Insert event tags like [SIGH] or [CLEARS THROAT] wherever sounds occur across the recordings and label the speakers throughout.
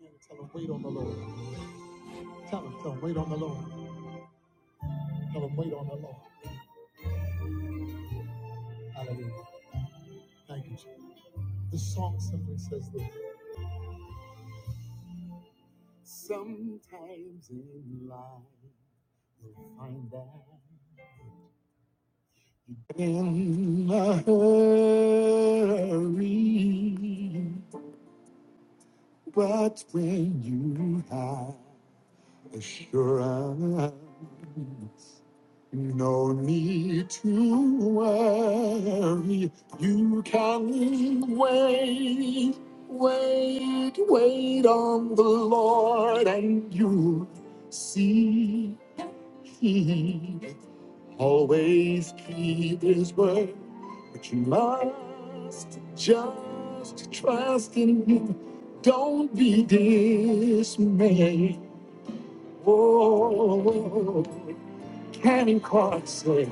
Speaker 1: Yeah, Tell them wait on the Lord. Tell them, tell them wait on the Lord. Tell them wait on the Lord. Hallelujah. Thank you. Jesus. The song simply says this. Sometimes in life you'll find that in a hurry, but when you have assurance. No need to worry. You can wait, wait, wait on the Lord, and you'll see He always keep His word. But you must just trust in Him. Don't be dismayed. Oh, Karen Carson.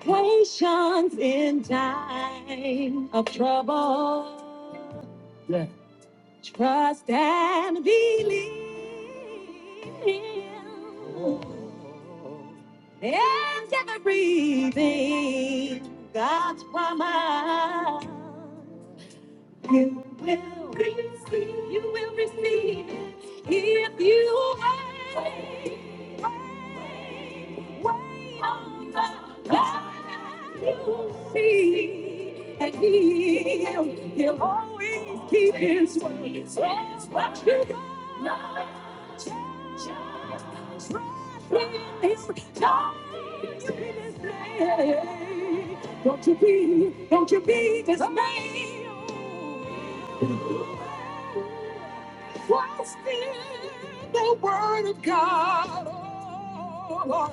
Speaker 1: Patience in time of trouble. Yeah. Trust and believe. Oh. And everything God's promise. will receive, you will receive it if you wait, wait, wait on the Lord, you will see, and He'll, He'll always keep His word. So what you got, just trust in His time, you can just say, don't you be, don't you be dismayed. Trust in the word of God. Oh, Lord.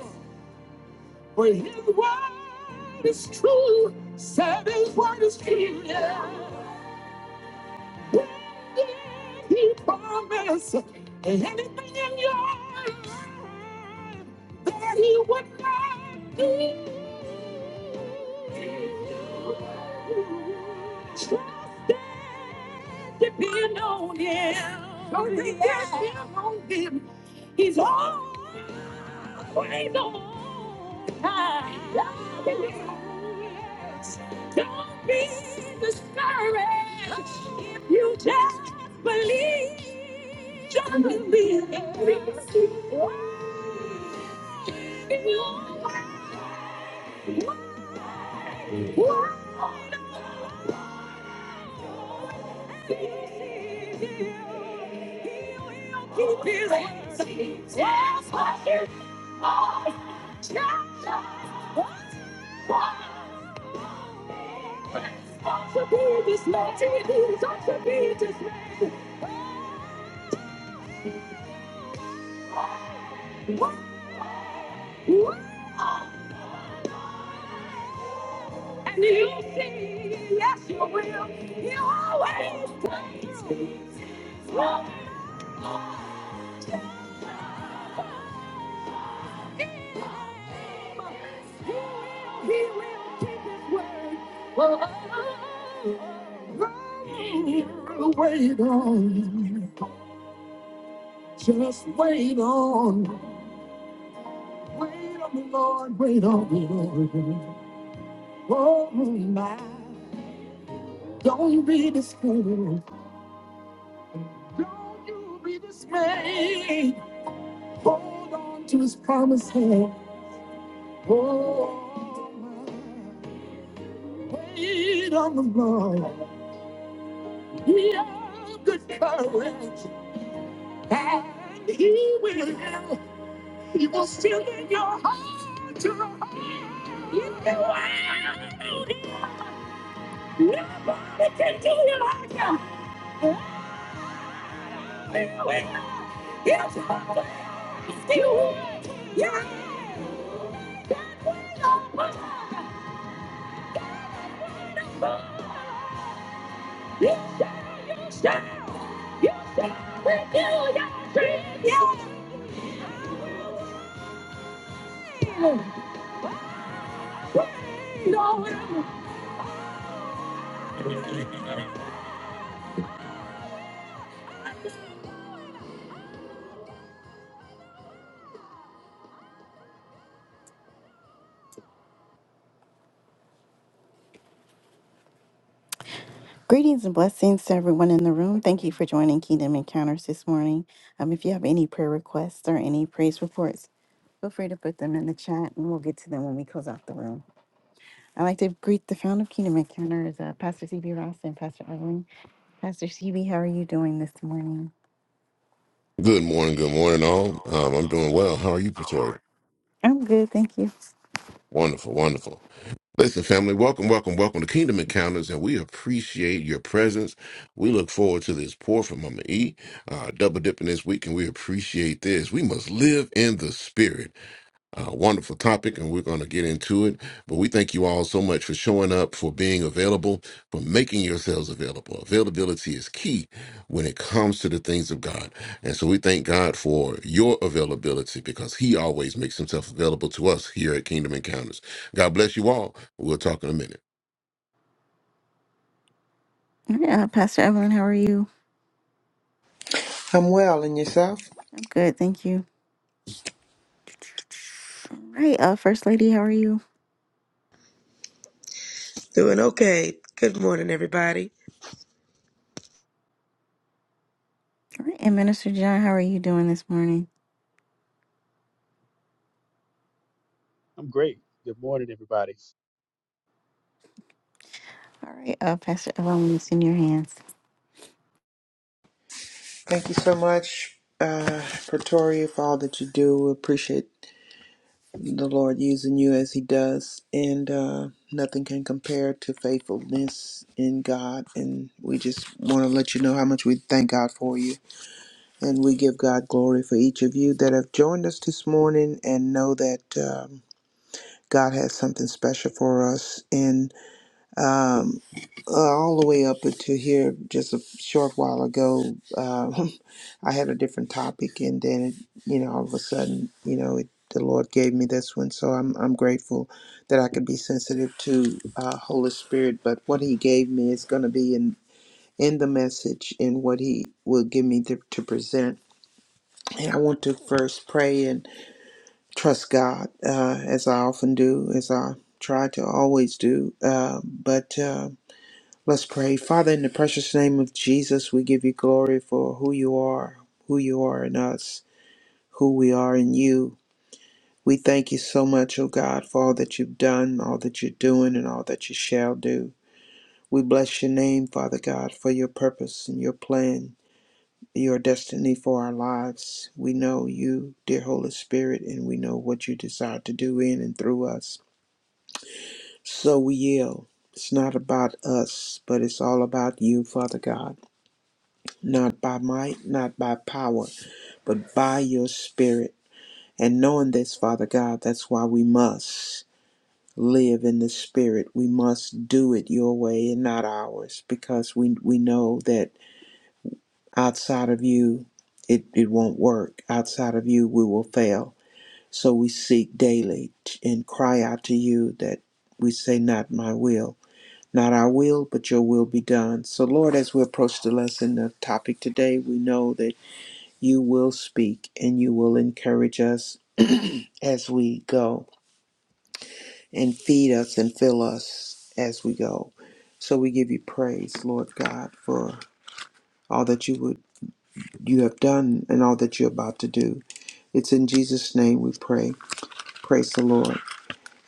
Speaker 1: For his word is true. Said his word is true. Yeah. What did he promise anything in your life that he would not do. Depend on him. Oh, yeah. Depend on him. He's always on time. Be discouraged if you just believe. Just believe. Wow. Wow. Keep his hands. Yes, my dear. Oh, Don't you be dismayed. Don't you be dismayed. And you see, yes, you will. You always praise. He will, he will keep his word. Oh, Wait on, just wait on, wait on the Lord, wait on the Lord. Oh my, don't be discouraged, don't you be dismayed. Hold on to his promise hand. Oh my, wait on the Lord, Be of good courage, and he will. He will fill in your heart to the heart. You know I can do it. I can do it. Yes, I can do it. Yeah, that way of You shall, you shall, you shall renew your strength. Yeah. Praise the Lord. Greetings and blessings to everyone in the room. Thank you for joining Kingdom Encounters this morning. Um, if you have any prayer requests or any praise reports, feel free to put them in the chat and we'll get to them when we close out the room. I'd like to greet the founder of Kingdom Encounters, uh, Pastor CB Ross and Pastor Evelyn. Pastor CB, how are you doing this morning?
Speaker 2: Good morning, good morning, all. Um, I'm doing well. How are you, Pretoria?
Speaker 1: I'm good, thank you.
Speaker 2: Wonderful, wonderful. Listen, family, welcome, welcome, welcome to Kingdom Encounters, and we appreciate your presence. We look forward to this pour from Mama E, uh, double dipping this week, and we appreciate this. We must live in the spirit uh, wonderful topic, and we're going to get into it. But we thank you all so much for showing up, for being available, for making yourselves available. Availability is key when it comes to the things of God. And so we thank God for your availability because He always makes Himself available to us here at Kingdom Encounters. God bless you all. We'll talk in a minute.
Speaker 1: All right, uh, Pastor Evelyn, how are you?
Speaker 3: I'm well, and yourself?
Speaker 1: I'm good, thank you. All right, uh, First Lady, how are you?
Speaker 4: Doing okay. Good morning, everybody.
Speaker 1: All right, and Minister John, how are you doing this morning?
Speaker 5: I'm great. Good morning, everybody.
Speaker 1: All right, uh, Pastor Evelyn, it's in your hands.
Speaker 3: Thank you so much, uh, Pretoria, for all that you do. We appreciate the Lord using you as He does, and uh, nothing can compare to faithfulness in God. And we just want to let you know how much we thank God for you, and we give God glory for each of you that have joined us this morning, and know that. Um, God has something special for us, and um, uh, all the way up until here, just a short while ago, Um, [LAUGHS] I had a different topic, and then it, you know, all of a sudden, you know, it, the Lord gave me this one. So I'm I'm grateful that I could be sensitive to uh, Holy Spirit. But what He gave me is going to be in in the message and what He will give me to, to present. And I want to first pray and trust God, uh, as I often do, as I try to always do. Uh, but uh, let's pray, Father, in the precious name of Jesus, we give you glory for who you are, who you are in us who we are in you. We thank you so much, O God, for all that you've done, all that you're doing, and all that you shall do. We bless your name, Father God, for your purpose and your plan, your destiny for our lives. We know you, dear Holy Spirit, and we know what you desire to do in and through us. So we yield. It's not about us, but it's all about you, Father God. Not by might, not by power, but by your Spirit. And knowing this, Father God, that's why we must. live in the spirit. We must do it your way and not ours because we, we know that outside of you, it, it won't work. Outside of you, we will fail. So we seek daily t- and cry out to you that we say, Not my will, not our will, but your will be done. So, Lord, as we approach the lesson of topic today, we know that you will speak and you will encourage us [CLEARS THROAT] as we go. and feed us and fill us as we go. So we give you praise, Lord God, for all that you would you have done and all that you're about to do. It's in Jesus' name we pray. Praise the Lord.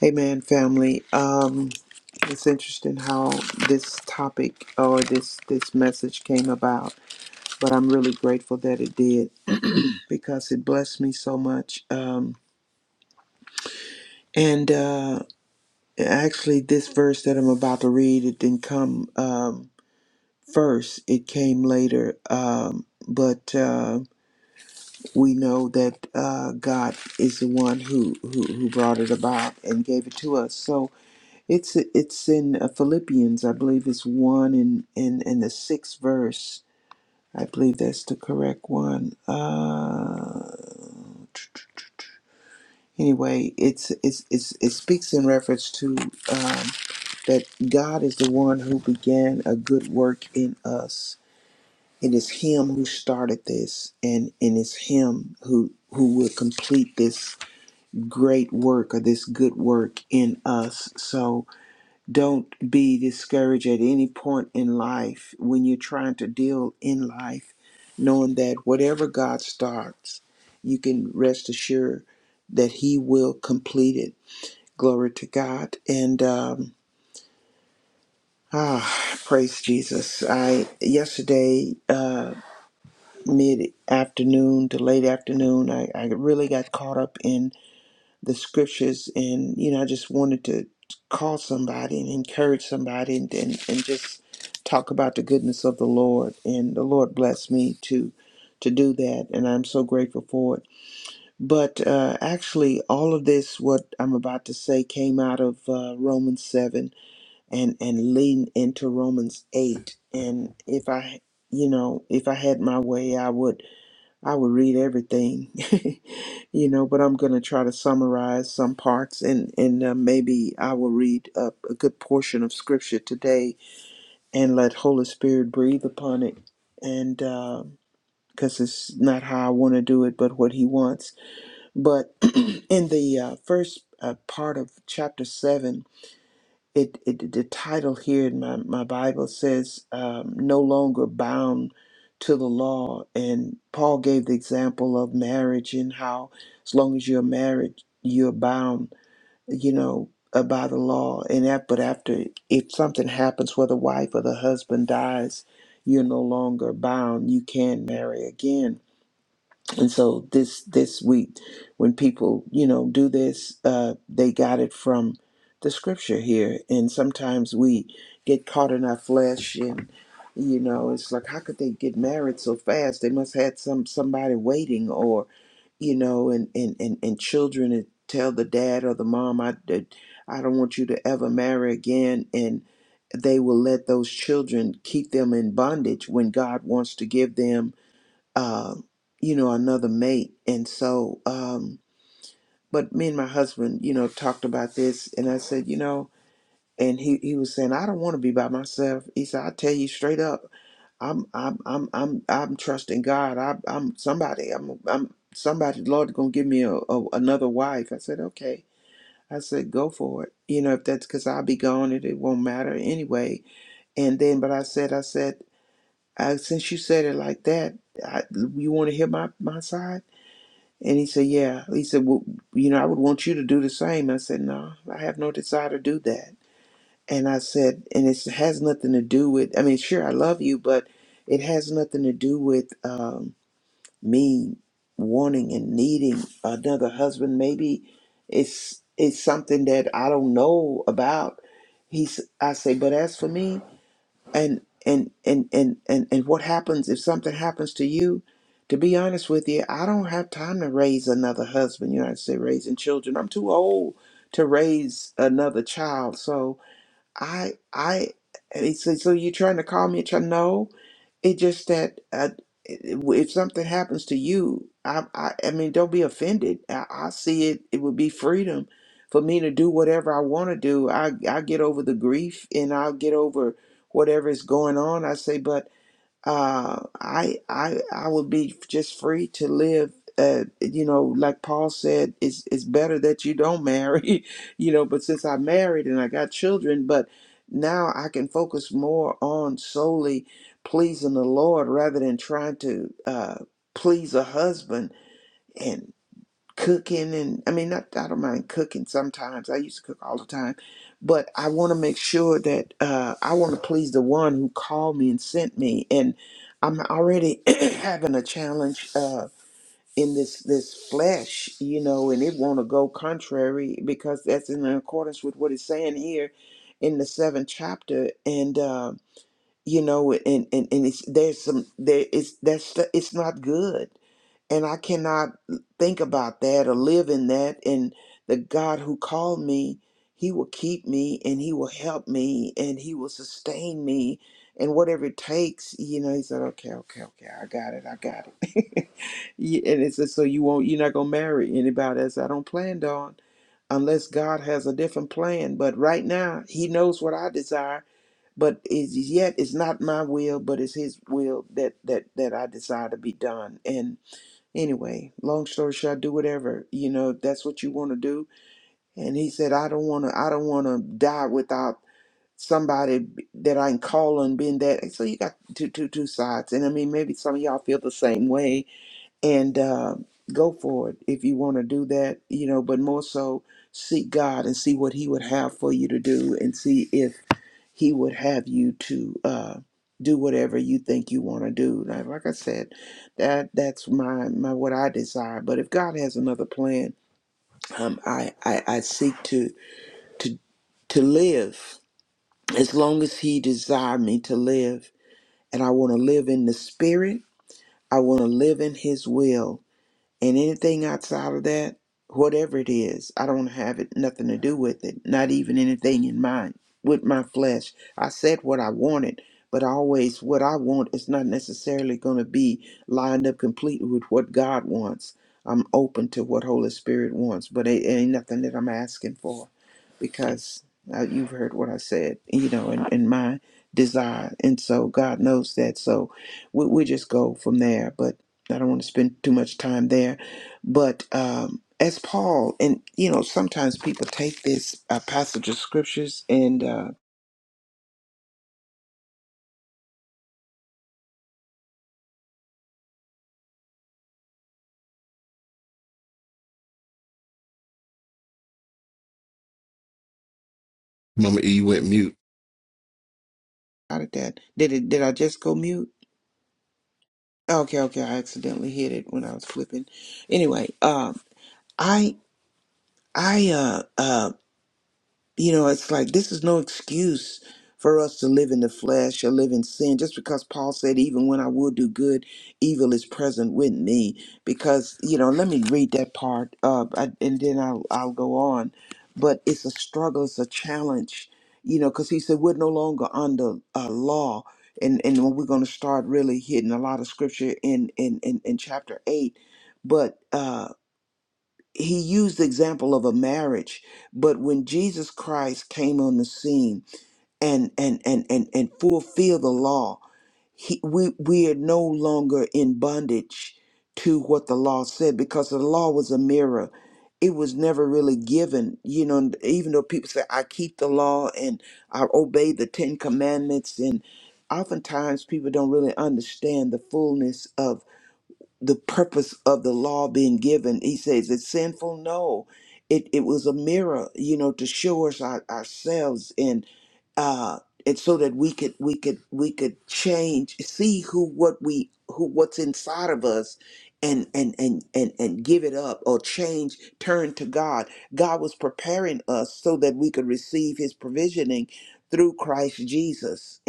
Speaker 3: Amen, family. Um, it's interesting how this topic or this this message came about, but I'm really grateful that it did because it blessed me so much. Um, and uh, actually, this verse that I'm about to read, it didn't come. Um, first. It came later, um, but uh, we know that uh, God is the one who, who who brought it about and gave it to us. So it's it's in uh, Philippians, I believe it's one in in in the sixth verse. I believe that's the correct one. Uh, anyway, it's, it's it's it speaks in reference to um, that God is the one who began a good work in us It is him who started this and, and it's him who who will complete this great work or this good work in us. So don't be discouraged at any point in life when you're trying to deal in life, knowing that whatever God starts, you can rest assured that he will complete it. Glory to God. And um Ah, praise Jesus. I yesterday uh mid afternoon to late afternoon. I, I really got caught up in the scriptures and, you know, I just wanted to call somebody and encourage somebody and, and, and just talk about the goodness of the Lord. And the Lord blessed me to to do that and I'm so grateful for it. But uh, actually all of this what I'm about to say came out of uh, Romans 7 and and leading into Romans 8 and if I you know if I had my way I would I would read everything, [LAUGHS] you know, but I'm going to try to summarize some parts and, and uh, maybe I will read a, a good portion of scripture today and let Holy Spirit breathe upon it. And because it's not how I want to do it, but what He wants. But [CLEARS THROAT] in the uh, first uh, part of chapter 7, it, it the title here in my, my Bible says um, no longer bound to the law and Paul gave the example of marriage and how as long as you're married you're bound you know uh, by the law and that but after if something happens where the wife or the husband dies you're no longer bound you can marry again and so this this week, when people you know do this, uh, they got it from the scripture here. And sometimes we get caught in our flesh, and you know it's like, how could they get married so fast? They must had some somebody waiting, or you know, and and and, and children and tell the dad or the mom, I did- I don't want you to ever marry again, and they will let those children keep them in bondage when God wants to give them um, you know, another mate. And so, um, but me and my husband, you know, talked about this, and I said, you know, and he, he was saying, I don't want to be by myself. He said, I tell you straight up, I'm I'm I'm I'm I'm trusting God. I, I'm somebody. I'm I'm somebody. Lord, gonna give me a, a another wife. I said, okay. I said, go for it. You know, if that's because I'll be gone, it, it won't matter anyway. And then, but I said, I said, I, since you said it like that, I, you want to hear my my side? And he said, Yeah. He said, Well, you know, I would want you to do the same. I said, No, I have no desire to do that. And I said, And it has nothing to do with, I mean, sure, I love you, but it has nothing to do with um, me wanting and needing another husband. Maybe it's it's something that I don't know about. He's, I say, But as for me, and and and and and and what happens if something happens to you to be honest with you i don't have time to raise another husband you know i say raising children i'm too old to raise another child so i i and he said so you're trying to call me a child no it just that uh, if something happens to you, I, I, I mean, don't be offended. I, I see it. It would be freedom for me to do whatever I want to do. I, I get over the grief and I'll get over whatever is going on. I say, but uh, I I I would be just free to live. Uh, you know, like Paul said, it's it's better that you don't marry. [LAUGHS] You know, but since I married and I got children, but now I can focus more on solely pleasing the Lord rather than trying to uh, please a husband cooking and I mean not I don't mind cooking sometimes. I used to cook all the time. But I want to make sure that uh I want to please the one who called me and sent me and I'm already [CLEARS THROAT] having a challenge uh in this this flesh, you know, and it want to go contrary because that's in accordance with what it's saying here in the seventh chapter and uh you know and and, and it's there's some there it's that's it's not good and I cannot think about that or live in that. And the God who called me, He will keep me and He will help me and He will sustain me and whatever it takes. You know, He said, "Okay, okay, okay, I got it, I got it." [LAUGHS] Yeah, and it says, "So you won't, you're not gonna marry anybody else? I don't plan on, unless God has a different plan. But right now, He knows what I desire." But is yet it's not my will, but it's His will that that that I desire to be done. And anyway long story short do whatever you know if that's what you want to do and he said i don't want to i don't want to die without somebody that i can call on being that so you got two two two sides and i mean maybe some of y'all feel the same way and uh, go for it if you want to do that, you know, but more so seek God and see what He would have for you to do and see if He would have you to uh, do whatever you think you want to do. Like, like I said, that that's my, my what I desire. But if God has another plan, um, I, I, I seek to, to, to live as long as He desire me to live. And I want to live in the Spirit, I want to live in His will and anything outside of that, whatever it is, I don't have it nothing to do with it. Not even anything in mind with my flesh. I said what I wanted, but always what I want is not necessarily going to be lined up completely with what God wants. I'm open to what Holy Spirit wants, but it ain't nothing that I'm asking for because uh, you've heard what I said, you know, and, and my desire. And so God knows that. So we, we just go from there. but. I don't want to spend too much time there. But um, as Paul, and you know, sometimes people take this uh, passage of scriptures and uh,
Speaker 2: Mama E, you went mute.
Speaker 3: how did that? Did it? Did I just go mute? Okay, okay, I accidentally hit it when I was flipping. Anyway, um, I I uh, um You know, it's like this is no excuse for us to live in the flesh or live in sin, just because Paul said, even when I will do good, evil is present with me. Because, you know, let me read that part up I, and then I'll, I'll go on. But it's a struggle, it's a challenge, you know, because he said, we're no longer under uh, law. And, and when we're going to start really hitting a lot of scripture in, in, in, in chapter 8. But, uh, he used the example of a marriage but when jesus christ came on the scene and and and and, and fulfilled the law he, we we are no longer in bondage to what the law said because the law was a mirror it was never really given you know and even though people say i keep the law and i obey the ten commandments and oftentimes people don't really understand the fullness the purpose of the law being given. He says it's sinful. No, it it was a mirror, you know, to show us our, ourselves and uh, and so that we could we could we could change, see who what we who what's inside of us. And, and and and and give it up or change turn to god god was preparing us so that we could receive his provisioning through christ jesus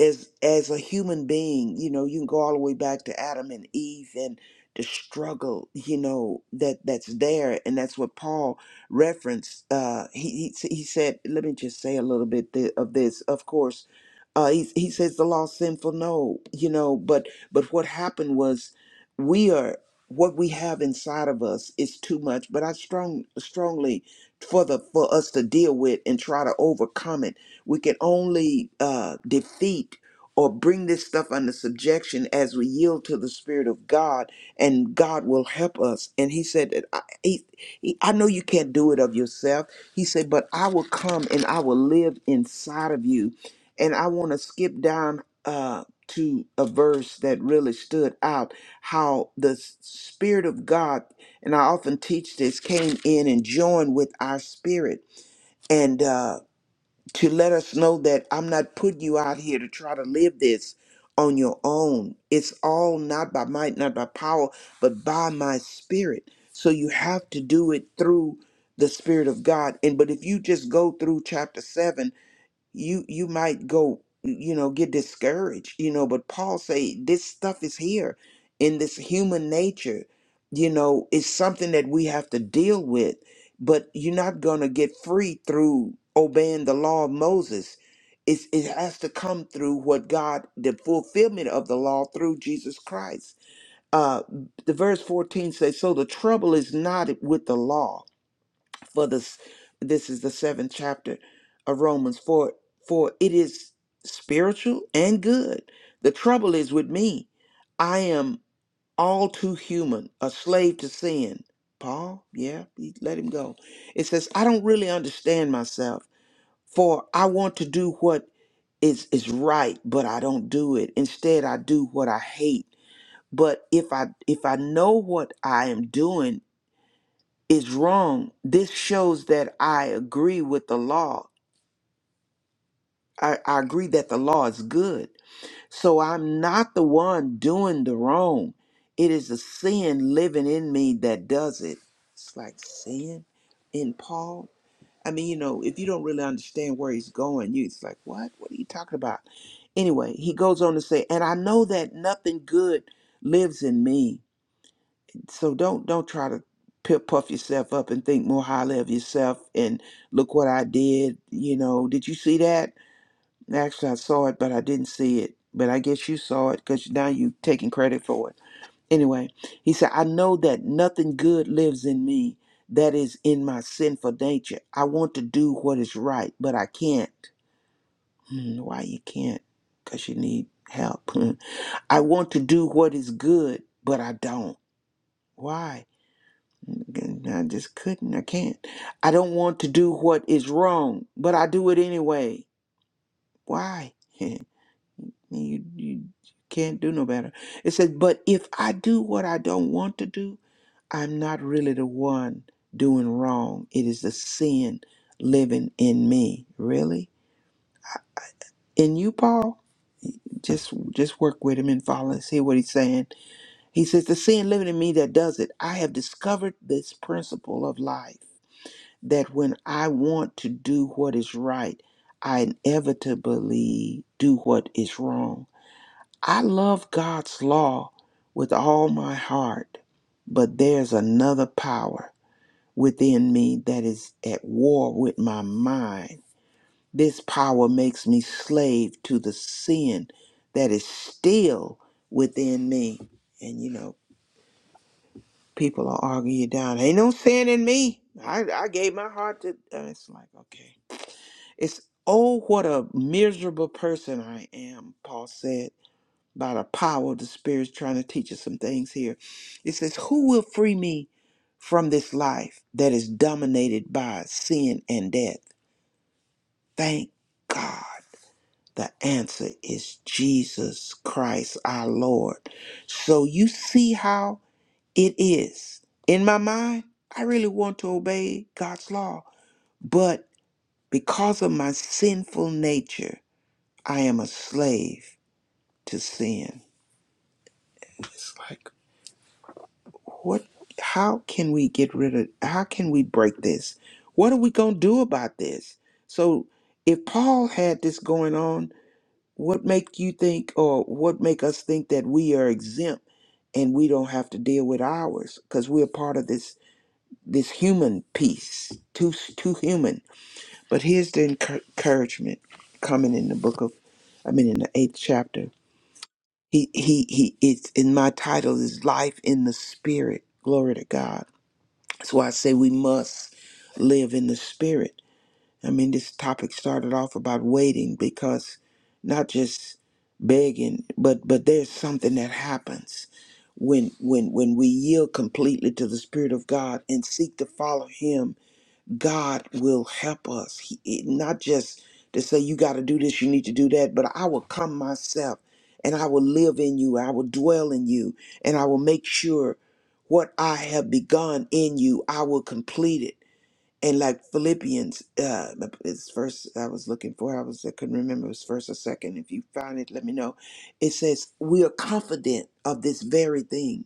Speaker 3: as as a human being you know you can go all the way back to adam and eve and the struggle you know that that's there and that's what paul referenced uh he he, he said let me just say a little bit th- of this of course uh he, he says the law is sinful no you know but but what happened was we are what we have inside of us is too much but i strong strongly for the for us to deal with and try to overcome it we can only uh, defeat or bring this stuff under subjection as we yield to the Spirit of God, and God will help us. And He said, that I, he, he, I know you can't do it of yourself. He said, but I will come and I will live inside of you. And I want to skip down uh, to a verse that really stood out how the Spirit of God, and I often teach this, came in and joined with our spirit. And, uh, to let us know that I'm not putting you out here to try to live this on your own. It's all not by might, not by power, but by my spirit. So you have to do it through the spirit of God. And but if you just go through chapter 7 you you might go you know get discouraged you know but paul say this stuff is here in this human nature you know it's something that we have to deal with but you're not going to get free through obeying the law of moses it's, it has to come through what god the fulfillment of the law through jesus christ uh the verse 14 says so the trouble is not with the law for this this is the seventh chapter of romans for for it is spiritual and good the trouble is with me i am all too human a slave to sin paul yeah he let him go it says i don't really understand myself for i want to do what is is right but i don't do it instead i do what i hate but if i if i know what i am doing is wrong. This shows that I agree with the law. I, I agree that the law is good. So I'm not the one doing the wrong. It is a sin living in me that does it. It's like sin in Paul. I mean, you know, if you don't really understand where he's going, you it's like, what? What are you talking about? Anyway, he goes on to say, and I know that nothing good lives in me so don't don't try to pu- puff yourself up and think more highly of yourself and look what I did. You know, did you see that? Actually, I saw it, but I didn't see it. But I guess you saw it because now you are taking credit for it. Anyway, he said, I know that nothing good lives in me that is in my sinful nature. I want to do what is right, but I can't. Hmm, why you can't? Because you need help. [LAUGHS] I want to do what is good, but I don't. Why? I just couldn't. I can't. I don't want to do what is wrong, but I do it anyway. Why? [LAUGHS] you you can't do no better. It says, but if I do what I don't want to do, I'm not really the one doing wrong. It is the sin living in me. Really? In you, Paul? Just just work with him and follow and see what he's saying. He says, the sin living in me that does it. I have discovered this principle of life that when I want to do what is right, I inevitably do what is wrong. I love God's law with all my heart, but there's another power within me that is at war with my mind. This power makes me slave to the sin that is still within me. And you know, people are arguing you down. Ain't no sin in me. I, I gave my heart to. uh, It's like, okay. It's, oh, what a miserable person I am, Paul said, by the power of the Spirit trying to teach us some things here. It says, Who will free me from this life that is dominated by sin and death? Thank God. The answer is Jesus Christ, our Lord. So you see how it is. In my mind, I really want to obey God's law, but because of my sinful nature, I am a slave to sin. It's like, what? How can we get rid of? How can we break this? What are we gonna do about this? So, if Paul had this going on, what make you think, or what make us think that we are exempt and we don't have to deal with ours because we're part of this this human piece, too too human. But here's the encour- encouragement coming in the book of, I mean, in the eighth chapter He he he it's in my title is life in the spirit. Glory to God. That's why I say we must live in the spirit. I mean this topic started off about waiting because not just begging, but but there's something that happens when when when we yield completely to the spirit of God and seek to follow him God will help us. He, it- not just to say, you got to do this, you need to do that, but I will come myself and I will live in you. I will dwell in you and I will make sure what I have begun in you, I will complete it. And like Philippians, uh, it's first I was looking for, I was I couldn't remember it was first or second. If you find it, let me know. It says we are confident of this very thing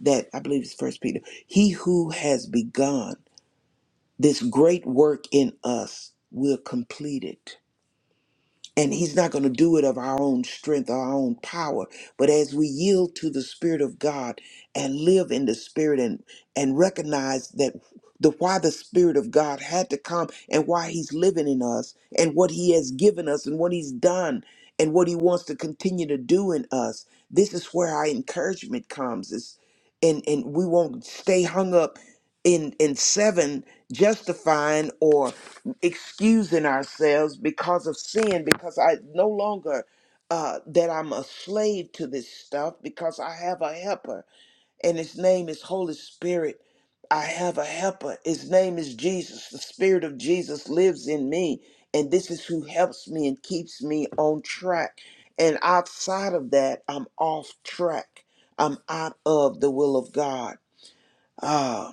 Speaker 3: that I believe it's First Peter. He who has begun this great work in us will complete it. And he's not going to do it of our own strength, our own power. But as we yield to the Spirit of God and live in the Spirit and, and recognize that the why the Spirit of God had to come and why he's living in us and what he has given us and what he's done and what he wants to continue to do in us, this is where our encouragement comes. Is and, and we won't stay hung up in in seven justifying or excusing ourselves because of sin because i no longer uh that i'm a slave to this stuff because i have a helper and his name is holy spirit i have a helper his name is jesus the spirit of jesus lives in me and this is who helps me and keeps me on track and outside of that i'm off track i'm out of the will of god Ah,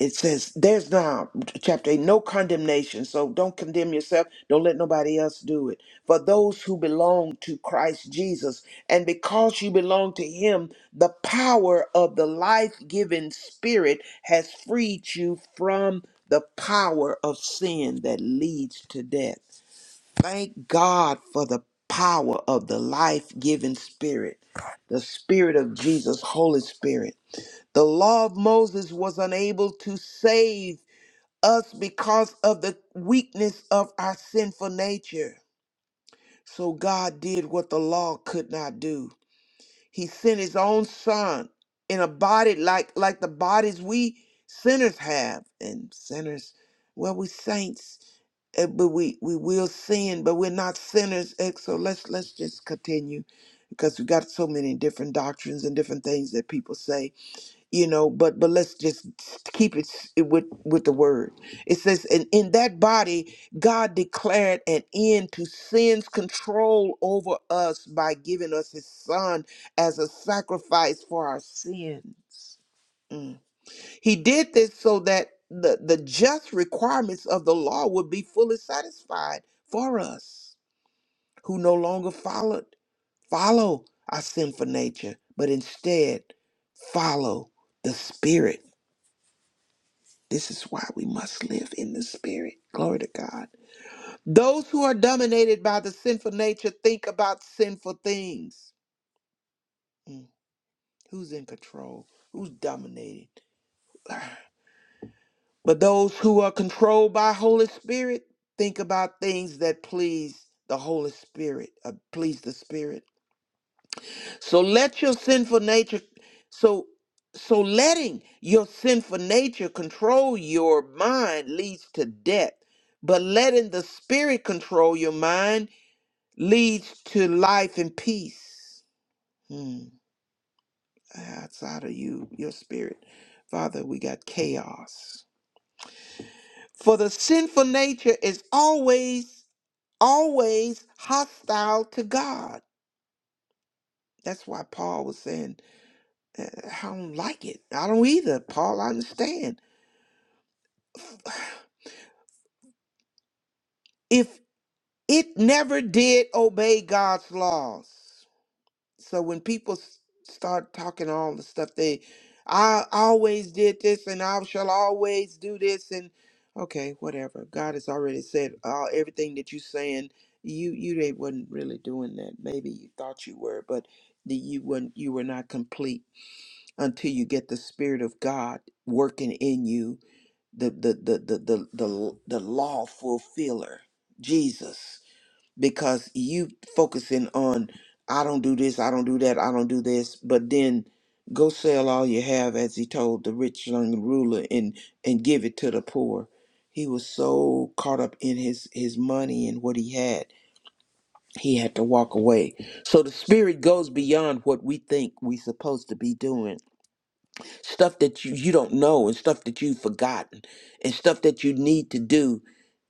Speaker 3: it says there's now chapter 8 no condemnation so don't condemn yourself don't let nobody else do it for those who belong to christ jesus and because you belong to him the power of the life-giving spirit has freed you from the power of sin that leads to death thank god for the power of the life-giving spirit the spirit of jesus holy spirit the law of Moses was unable to save us because of the weakness of our sinful nature. So God did what the law could not do. He sent his own son in a body like like the bodies we sinners have and sinners well we saints eh, but we we will sin but we're not sinners Eh, so let's let's just continue because we got so many different doctrines and different things that people say you know but but let's just keep it s- with with the word it says and in that body god declared an end to sin's control over us by giving us his son as a sacrifice for our sins Mm. he did this so that the the just requirements of the law would be fully satisfied for us who no longer followed follow our sinful nature but instead follow the spirit This is why we must live in the spirit. Glory to God. Those who are dominated by the sinful nature think about sinful things. Mm, Who's in control? Who's dominated? But those who are controlled by Holy Spirit think about things that please the Holy Spirit, uh, please the Spirit. So let your sinful nature so so letting your sinful nature control your mind leads to death, but letting the spirit control your mind leads to life and peace. Hmm. Outside of you, your spirit. Father, we got chaos. For the sinful nature is always, always hostile to God. That's why Paul was saying Uh, I don't like it. I don't either, Paul. I understand. If it never did obey God's laws. So when people s- start talking all the stuff, they, I always did this and I shall always do this and okay, whatever. God has already said all everything that you're saying. You you they wasn't really doing that. Maybe you thought you were, but the, you weren't. You were not complete until you get the Spirit of God working in you the the the the the, the, the law fulfiller jesus because you focusing on i don't do this i don't do that i don't do this but then go sell all you have as he told the rich young ruler and and give it to the poor he was so caught up in his his money and what he had he had to walk away so the spirit goes beyond what we think we're supposed to be doing stuff that you, you don't know and stuff that you've forgotten and stuff that you need to do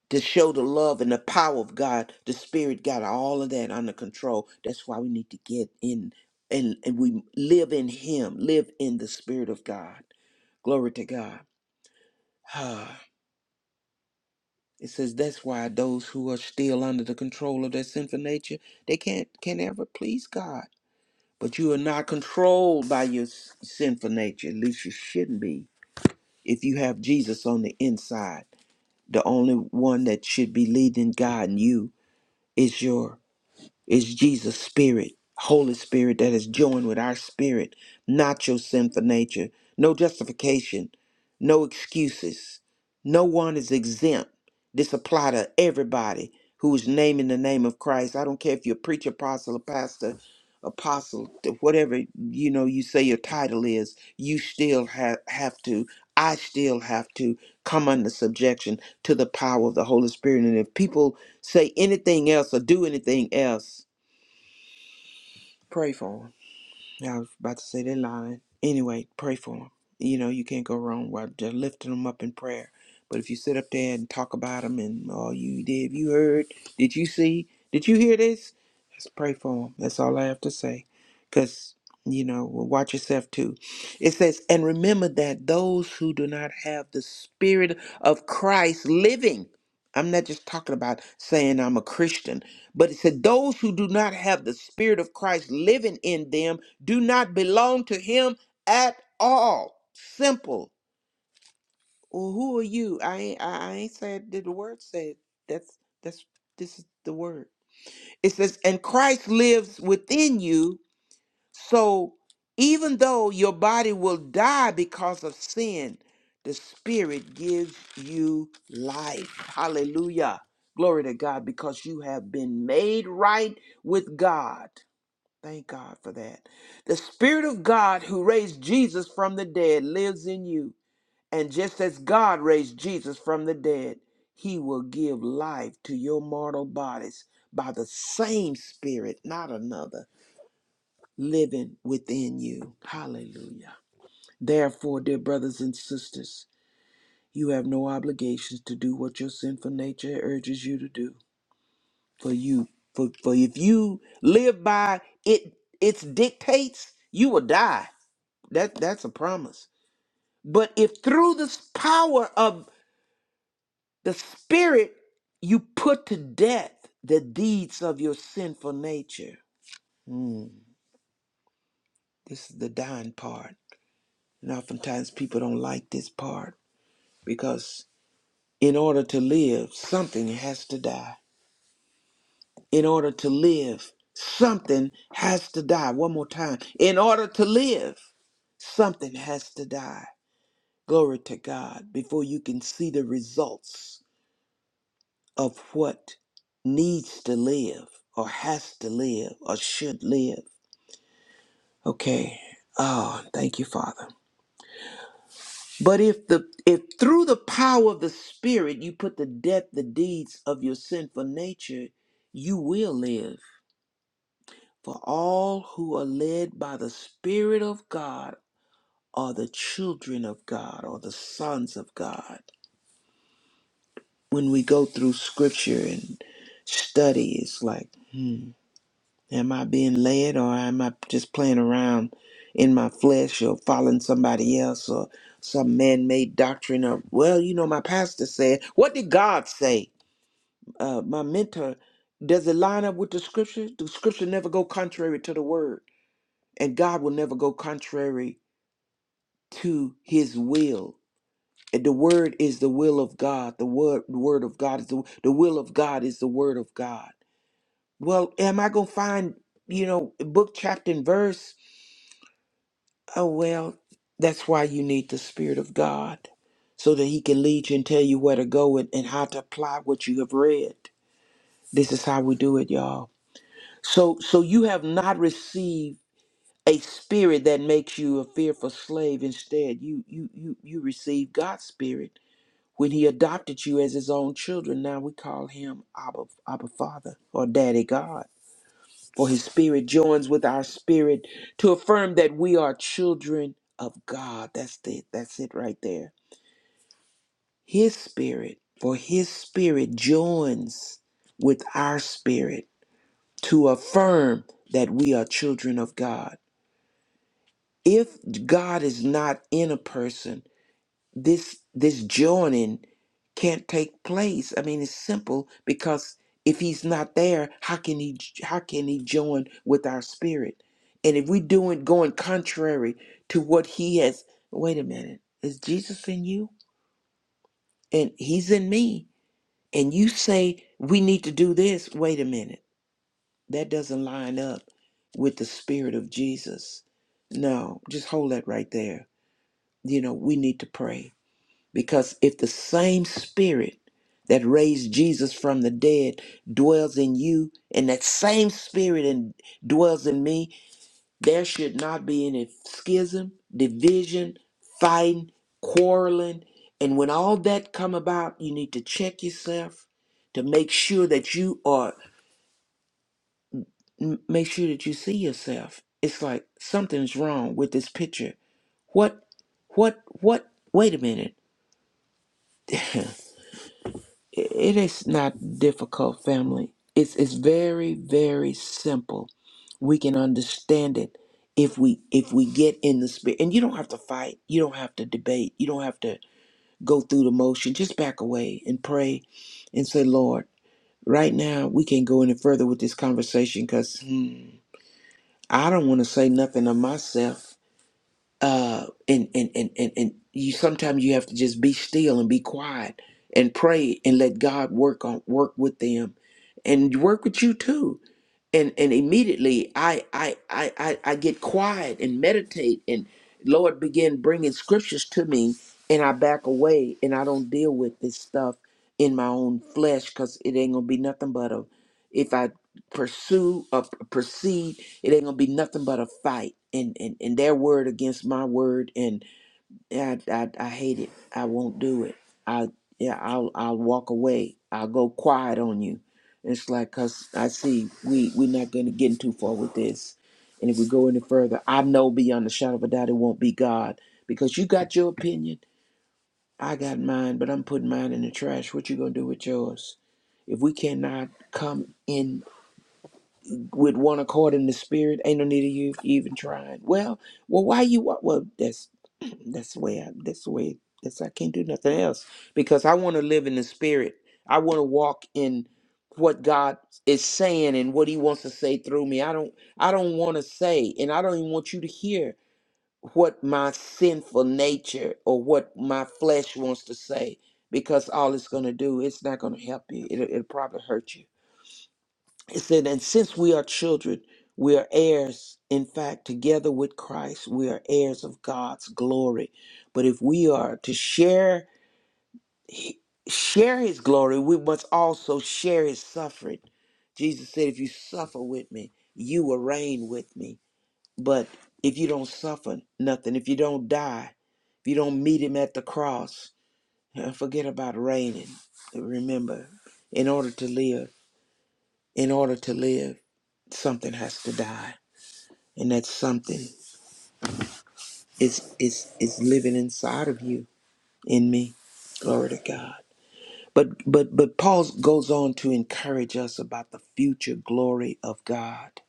Speaker 3: to show the love and the power of God, the Spirit got all of that under control. That's why we need to get in and, and we live in Him, live in the Spirit of God. Glory to God. Ah, It says that's why those who are still under the control of their sinful nature, they can't can ever please God. But you are not controlled by your s- sinful nature. At least you shouldn't be If you have Jesus on the inside, the only one that should be leading God and you is your it's Jesus' spirit, Holy Spirit, that is joined with our spirit, not your sinful nature. No justification, no excuses. No one is exempt. This apply to everybody who is naming the name of Christ. I don't care if you're a preacher, apostle, or pastor, apostle, whatever you know you say your title is, you still have, have to, I still have to come under subjection to the power of the Holy Spirit. And if people say anything else or do anything else, pray for for 'em. Yeah, I was about to say they're lying. Anyway, pray for them. You know, you can't go wrong while just lifting them up in prayer. But if you sit up there and talk about them and oh, you did, you heard, did you see, did you hear this? Just pray for them. That's all I have to say. Because, you know, well, watch yourself too. It says, and remember that those who do not have the spirit of Christ living, I'm not just talking about saying I'm a Christian, but it said, those who do not have the spirit of Christ living in them do not belong to him at all. Simple. Well, who are you? I ain't, I I ain't said that the word said that's that's this is the word. It says, and Christ lives within you. So even though your body will die because of sin, the spirit gives you life. Hallelujah. Glory to God because you have been made right with God. Thank God for that. The Spirit of God who raised Jesus from the dead lives in you. And just as God raised Jesus from the dead, he will give life to your mortal bodies by the same Spirit, not another, living within you. Hallelujah. Therefore, dear brothers and sisters, you have no obligations to do what your sinful nature urges you to do. For you, for, for if you live by it, its dictates, you will die. That that's a promise. But if through the power of the Spirit you put to death the deeds of your sinful nature, Hmm, this is the dying part, and oftentimes people don't like this part because in order to live, something has to die. In order to live, something has to die. One more time. In order to live, something has to die. Glory to God before you can see the results of what needs to live or has to live or should live. Okay. Oh, thank you, Father. But if the if through the power of the Spirit you put to death the deeds of your sinful nature, you will live. For all who are led by the Spirit of God are the children of God or the sons of God. When we go through scripture and study, it's like, hmm. Am I being led or am I just playing around in my flesh or following somebody else or some man made doctrine of, well, you know, my pastor said, what did God say? Uh, my mentor, does it line up with the scripture? The scripture never go contrary to the word, and God will never go contrary to his will. And The word is the will of God. The word, the word of God is the, the will of God is the word of God. Well, am I going to find, you know, book, chapter, and verse Oh, well, that's why you need the Spirit of God so that He can lead you and tell you where to go and, and how to apply what you have read. This is how we do it, y'all. So, so you have not received a spirit that makes you a fearful slave. Instead, you you you you received God's spirit when He adopted you as His own children. Now we call Him Abba, Abba Father or Daddy God. For his spirit joins with our spirit to affirm that we are children of God. That's it. That's it right there. His spirit, for his spirit joins with our spirit to affirm that we are children of God. If God is not in a person, this this joining can't take place. I mean, it's simple because if he's not there, how can he how can he join with our spirit? And if we doing going contrary to what he has, wait a minute, is Jesus in you and he's in me, and you say we need to do this? Wait a minute, that doesn't line up with the spirit of Jesus. No, just hold that right there. You know, we need to pray Because if the same spirit that raised Jesus from the dead dwells in you, and that same spirit and dwells in me, there should not be any schism, division, fighting, quarreling. And when all that come about, you need to check yourself to make sure that you are m- make sure that you see yourself. It's like something's wrong with this picture. What what what wait a minute. [CLEARS THROAT] [LAUGHS] it is not difficult, family. It's it's very very simple. We can understand it if we if we get in the spirit. And you don't have to fight. You don't have to debate. You don't have to go through the motion. Just back away and pray, and say, Lord, right now we can't go any further with this conversation because I don't want to say nothing of myself uh and and and and, and you sometimes you have to just be still and be quiet and pray and let God work on work with them and work with you too and and immediately I I I I, I get quiet and meditate, and Lord begin bringing scriptures to me, and I back away, and I don't deal with this stuff in my own flesh because it ain't gonna be nothing but a if I pursue or proceed, it ain't gonna be nothing but a fight, and and and their word against my word, and yeah, I, I, I hate it. I won't do it. I yeah, I'll I'll walk away. I'll go quiet on you. It's like cause I see we we're not gonna get too far with this. And if we go any further, I know beyond a shadow of a doubt it won't be God because you got your opinion. I got mine, but I'm putting mine in the trash. What you gonna do with yours? If we cannot come in with one accord in the spirit. Ain't no need of you even trying. Well, well, why you? wa- Well, that's [CLEARS THROAT] that's the way. I, that's the way. That's I can't do nothing else because I want to live in the spirit. I want to walk in what God is saying and what He wants to say through me. I don't. I don't want to say, and I don't even want you to hear what my sinful nature or what my flesh wants to say because all it's going to do it's not going to help you it'll, it'll probably hurt you it said, and since we are children, we are heirs. In fact, together with Christ, we are heirs of God's glory. But if we are to share share his glory, we must also share his suffering. Jesus said, if you suffer with me, you will reign with me. But if you don't suffer nothing, if you don't die, if you don't meet him at the cross, [LAUGHS] forget about reigning. Remember, in order to live in order to live, something has to die. And that something is is is living inside of you, in me. Glory to God. But but but Paul goes on to encourage us about the future glory of God.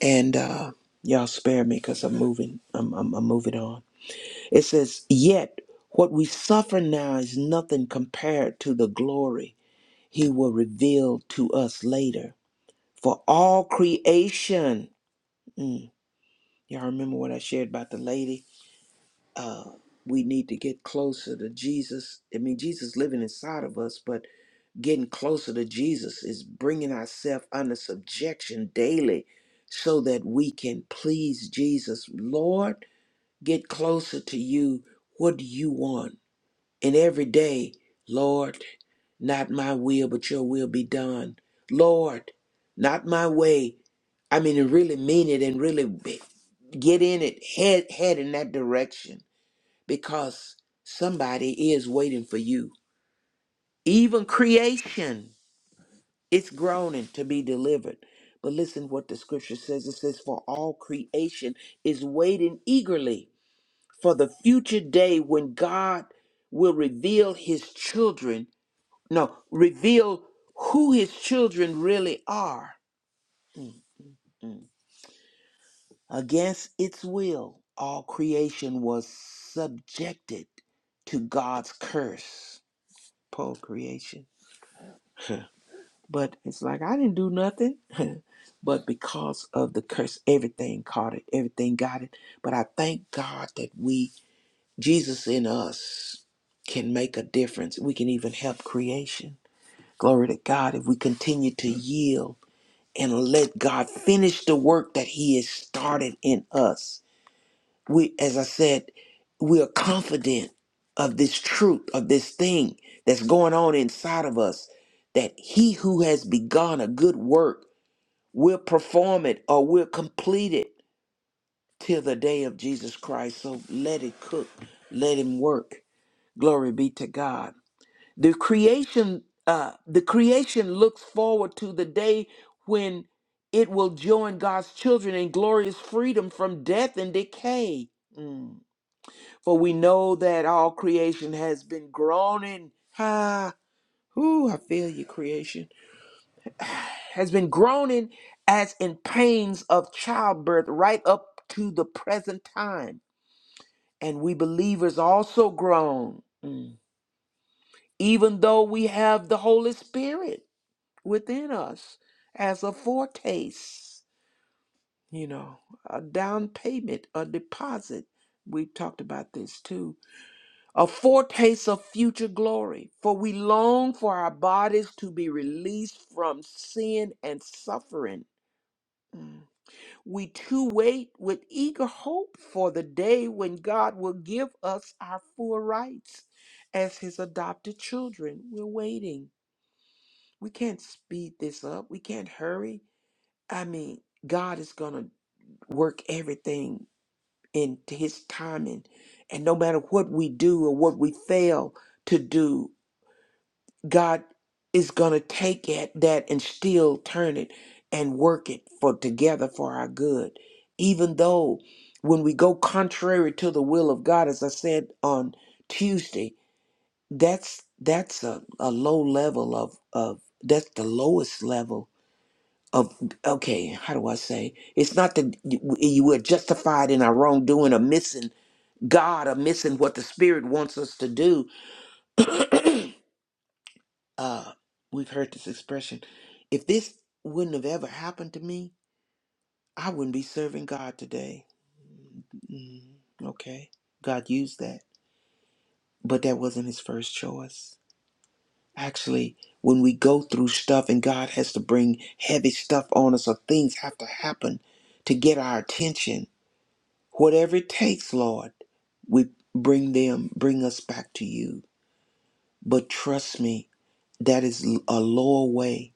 Speaker 3: And uh y'all spare me because I'm moving. I'm, I'm I'm moving on. It says, Yet what we suffer now is nothing compared to the glory he will reveal to us later. For all creation. mm, Y'all remember what I shared about the lady? Uh, we need to get closer to Jesus. I mean, Jesus living inside of us, but getting closer to Jesus is bringing ourselves under subjection daily so that we can please Jesus. Lord, get closer to you. What do you want? And every day, Lord, not my will, but your will be done. Lord, not my way. I mean, and really mean it and really be- get in it, head, head in that direction because somebody is waiting for you. Even creation is groaning to be delivered. But listen what the scripture says it says, For all creation is waiting eagerly for the future day when God will reveal his children no, reveal who his children really are. Mm. Against its will, all creation was subjected to God's curse. Poor creation. But it's like, I didn't do nothing. [LAUGHS] but because of the curse, everything caught it, everything got it. But I thank God that we, Jesus in us, can make a difference. We can even help creation. Glory to God if we continue to yield and let God finish the work that He has started in us. We, as I said, we are confident of this truth, of this thing that's going on inside of us, that He who has begun a good work will perform it or will complete it till the day of Jesus Christ. So let it cook, let Him work. Glory be to God. The creation, uh, the creation looks forward to the day when it will join God's children in glorious freedom from death and decay. Mm. For we know that all creation has been groaning. Ah, ooh, I feel you, creation. Has been groaning as in pains of childbirth right up to the present time. And we believers also groan, mm, even though we have the Holy Spirit within us as a foretaste, you know, a down payment, a deposit. We talked about this too. A foretaste of future glory. For we long for our bodies to be released from sin and suffering. Mm. We too wait with eager hope for the day when God will give us our full rights as his adopted children. We're waiting. We can't speed this up. We can't hurry. I mean, God is going to work everything in his timing. And no matter what we do or what we fail to do, God is going to take at that and still turn it and work it for together for our good. Even though when we go contrary to the will of God, as I said on Tuesday, that's that's a, a low level of of that's the lowest level of okay how do i say it's not that you you were justified in our wrongdoing or missing god or missing what the spirit wants us to do [CLEARS THROAT] uh we've heard this expression if this wouldn't have ever happened to me i wouldn't be serving god today mm, okay god used that but that wasn't his first choice actually when we go through stuff and god has to bring heavy stuff on us or things have to happen to get our attention Whatever it takes, Lord, we bring them, bring us back to you. But trust me, that is a lower way,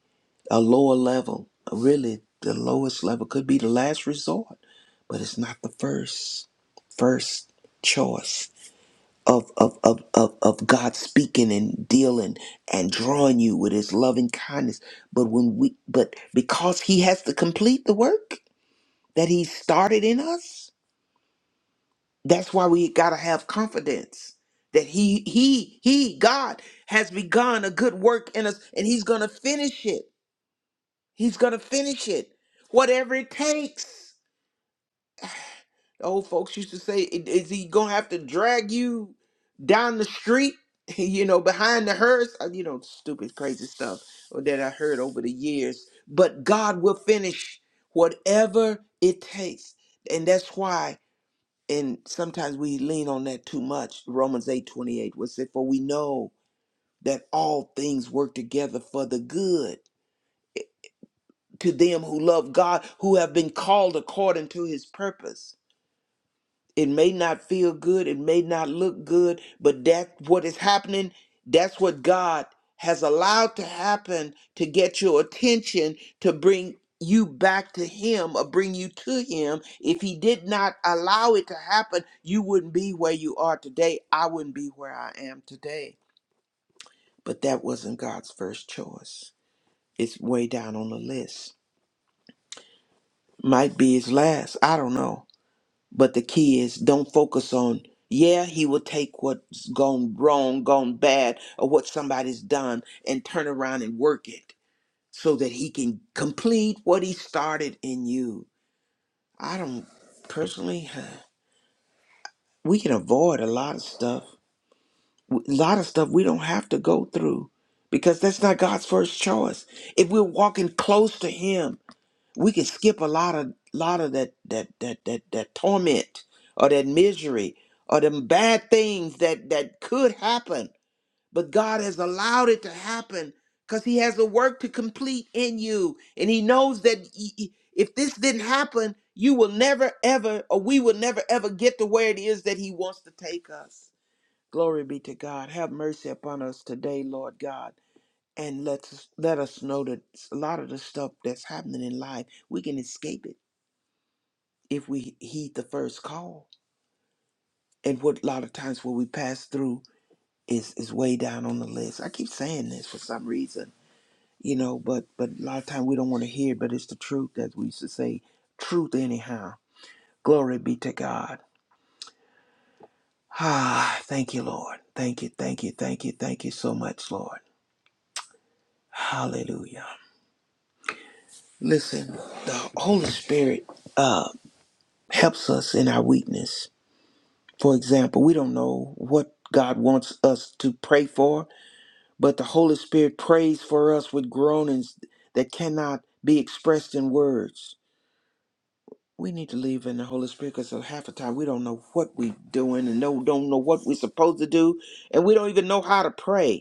Speaker 3: a lower level. Really, the lowest level could be the last resort, but it's not the first, first choice of of of of, of God speaking and dealing and drawing you with His loving kindness. But when we, but because He has to complete the work that He started in us That's why we got to have confidence that he he he God has begun a good work in us and he's going to finish it. He's going to finish it. Whatever it takes. The old folks used to say "I- is he going to have to drag you down the street, [LAUGHS] you know, behind the hearse, Uh, you know, stupid crazy stuff uh, that I heard over the years, but God will finish whatever it takes. And that's why and sometimes we lean on that too much. Romans eight twenty eight 28 was it, for we know that all things work together for the good to them who love God, who have been called according to his purpose. It may not feel good, it may not look good, but that's what is happening. That's what God has allowed to happen to get your attention, to bring you back to Him or bring you to Him. If He did not allow it to happen, you wouldn't be where you are today. I wouldn't be where I am today. But that wasn't God's first choice. It's way down on the list. Might be His last. I don't know. But the key is don't focus on, yeah, he will take what's gone wrong, gone bad, or what somebody's done and turn around and work it so that he can complete what he started in you. I don't personally, [SIGHS] we can avoid a lot of stuff, a lot of stuff we don't have to go through because that's not God's first choice. If we're walking close to him, we can skip a lot of lot of that that that that that torment or that misery or them bad things that that could happen but god has allowed it to happen because he has a work to complete in you and he knows that y- y- if this didn't happen you will never ever or we will never ever get to where it is that he wants to take us glory be to god have mercy upon us today lord god and let us let us know that a lot of the stuff that's happening in life we can escape it if we heed the first call and what a lot of times what we pass through is is way down on the list i keep saying this for some reason you know but but a lot of time we don't want to hear it, but it's the truth that we used to say truth anyhow glory be to god ah thank you lord thank you thank you thank you thank you so much lord hallelujah listen the holy spirit Uh. helps us in our weakness. For example, we don't know what God wants us to pray for, but the Holy Spirit prays for us with groanings that cannot be expressed in words. We need to leave in the Holy Spirit because half the time we don't know what we're doing and no, don't know what we're supposed to do, and we don't even know how to pray.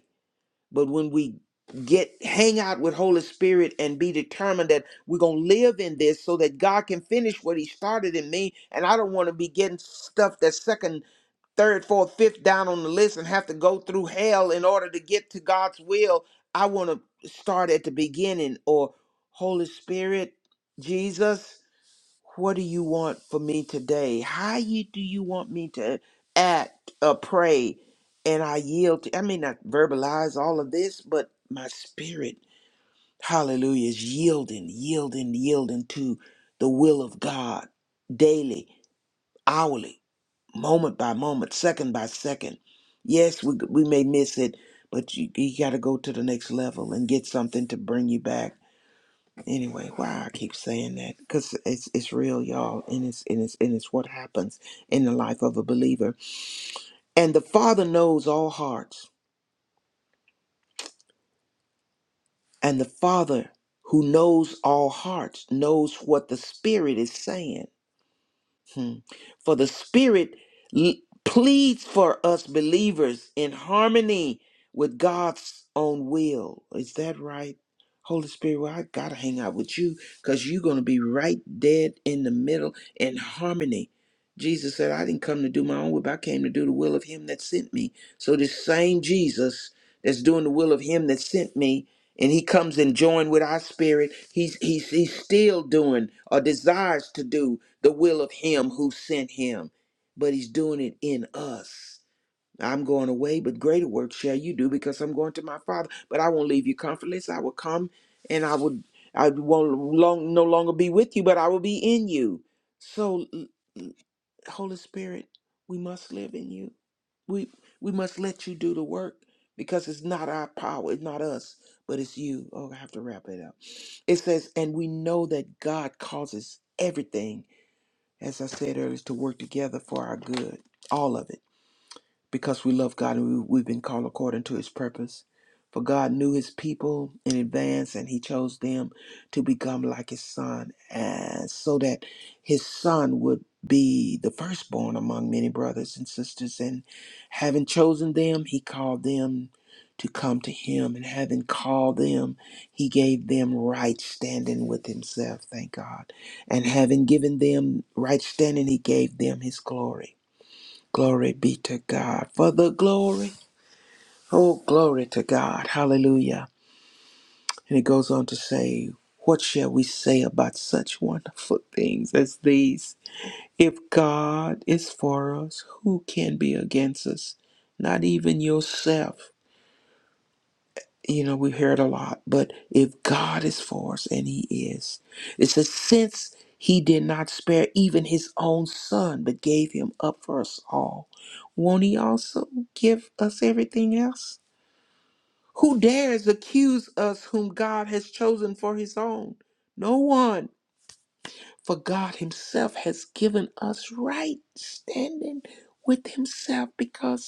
Speaker 3: But when we get hang out with Holy Spirit and be determined that we're gonna live in this so that God can finish what He started in me, and I don't want to be getting stuff that's second, third, fourth, fifth down on the list and have to go through hell in order to get to God's will. I want to start at the beginning or Holy Spirit, Jesus what do you want for me today? How you do you want me to act or pray? And I yield. To, I may not verbalize all of this, but my spirit, hallelujah, is yielding, yielding, yielding to the will of God daily, hourly, moment by moment, second by second. Yes, we, we may miss it, but you, you got to go to the next level and get something to bring you back Anyway, why I keep saying that because it's it's real, y'all, and it's and it's and it's what happens in the life of a believer. And the Father knows all hearts, and the Father who knows all hearts knows what the Spirit is saying Hmm. For the Spirit l- pleads for us believers in harmony with God's own will. Is that right? Holy Spirit, well, I got to hang out with you because you're going to be right dead in the middle in harmony. Jesus said, I didn't come to do my own will, but I came to do the will of him that sent me. So this same Jesus that's doing the will of him that sent me, and he comes and join with our spirit, he's, he's, he's still doing or desires to do the will of him who sent him, but he's doing it in us. I'm going away, but greater work shall you do because I'm going to my father. But I won't leave you comfortless. I will come and I will I won't long, no longer be with you, but I will be in you. So Holy Spirit, we must live in you. We we must let you do the work because it's not our power, it's not us, but it's you. Oh, I have to wrap it up. It says, and we know that God causes everything as I said earlier, is to work together for our good, all of it because we love God and we, we've been called according to his purpose. For God knew his people in advance and he chose them to become like his son, and so that his son would be the firstborn among many brothers and sisters. And having chosen them, he called them to come to him. And having called them, he gave them right standing with himself, thank God. And having given them right standing, he gave them his glory Glory be to God for the glory. Oh, glory to God. Hallelujah. And it goes on to say, What shall we say about such wonderful things as these? If God is for us, who can be against us? Not even yourself. you know, we hear it a lot, but if God is for us, and He is, it's a sense He did not spare even His own Son, but gave Him up for us all. Won't He also give us everything else? Who dares accuse us whom God has chosen for His own? No one, for God Himself has given us right standing with Himself because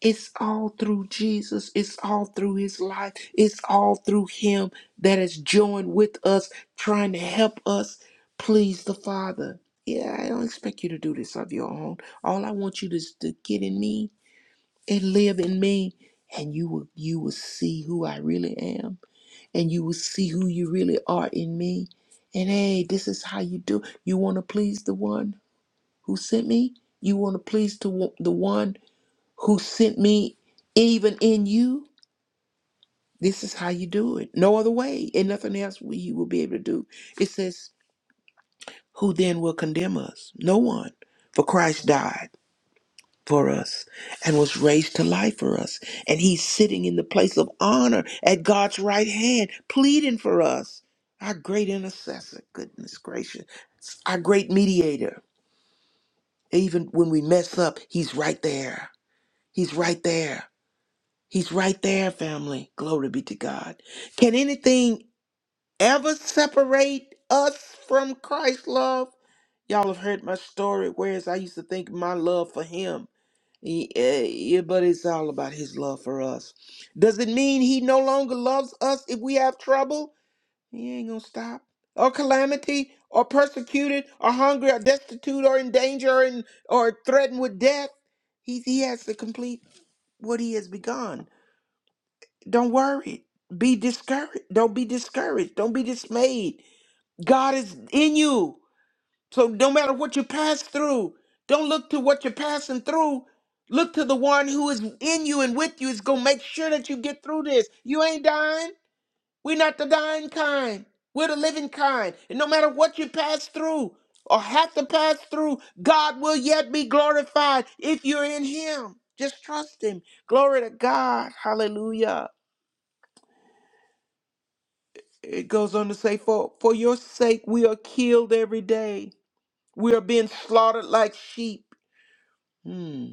Speaker 3: It's all through Jesus. It's all through his life. It's all through him that is joined with us, trying to help us please the Father. Yeah, I don't expect you to do this of your own. All I want you to, to get in me and live in me. And you will you will see who I really am. And you will see who you really are in me. And hey, this is how you do. You want to please the one who sent me? You want to please to the one who sent me, even in you. This is how you do it. No other way, and nothing else we you will be able to do. It says, Who then will condemn us? No one. For Christ died for us and was raised to life for us. And he's sitting in the place of honor at God's right hand, pleading for us. Our great intercessor, goodness gracious, our great mediator. Even when we mess up, he's right there. He's right there. He's right there, family. Glory be to God. Can anything ever separate us from Christ's love? Y'all have heard my story, whereas I used to think my love for him, eh, eh, yeah, but it's all about his love for us. Does it mean he no longer loves us if we have trouble? He ain't gonna stop. Or calamity, or persecuted, or hungry, or destitute, or in danger, or, in, or threatened with death. He, he has to complete what he has begun. Don't worry. Be discouraged. Don't be discouraged. Don't be dismayed. God is in you. So no matter what you pass through, don't look to what you're passing through. Look to the one who is in you and with you is going to make sure that you get through this. You ain't dying. We're not the dying kind. We're the living kind. And no matter what you pass through or have to pass through, God will yet be glorified if you're in him. Just trust him. Glory to God. Hallelujah. it goes on to say, for, for your sake we are killed every day. We are being slaughtered like sheep. Hmm,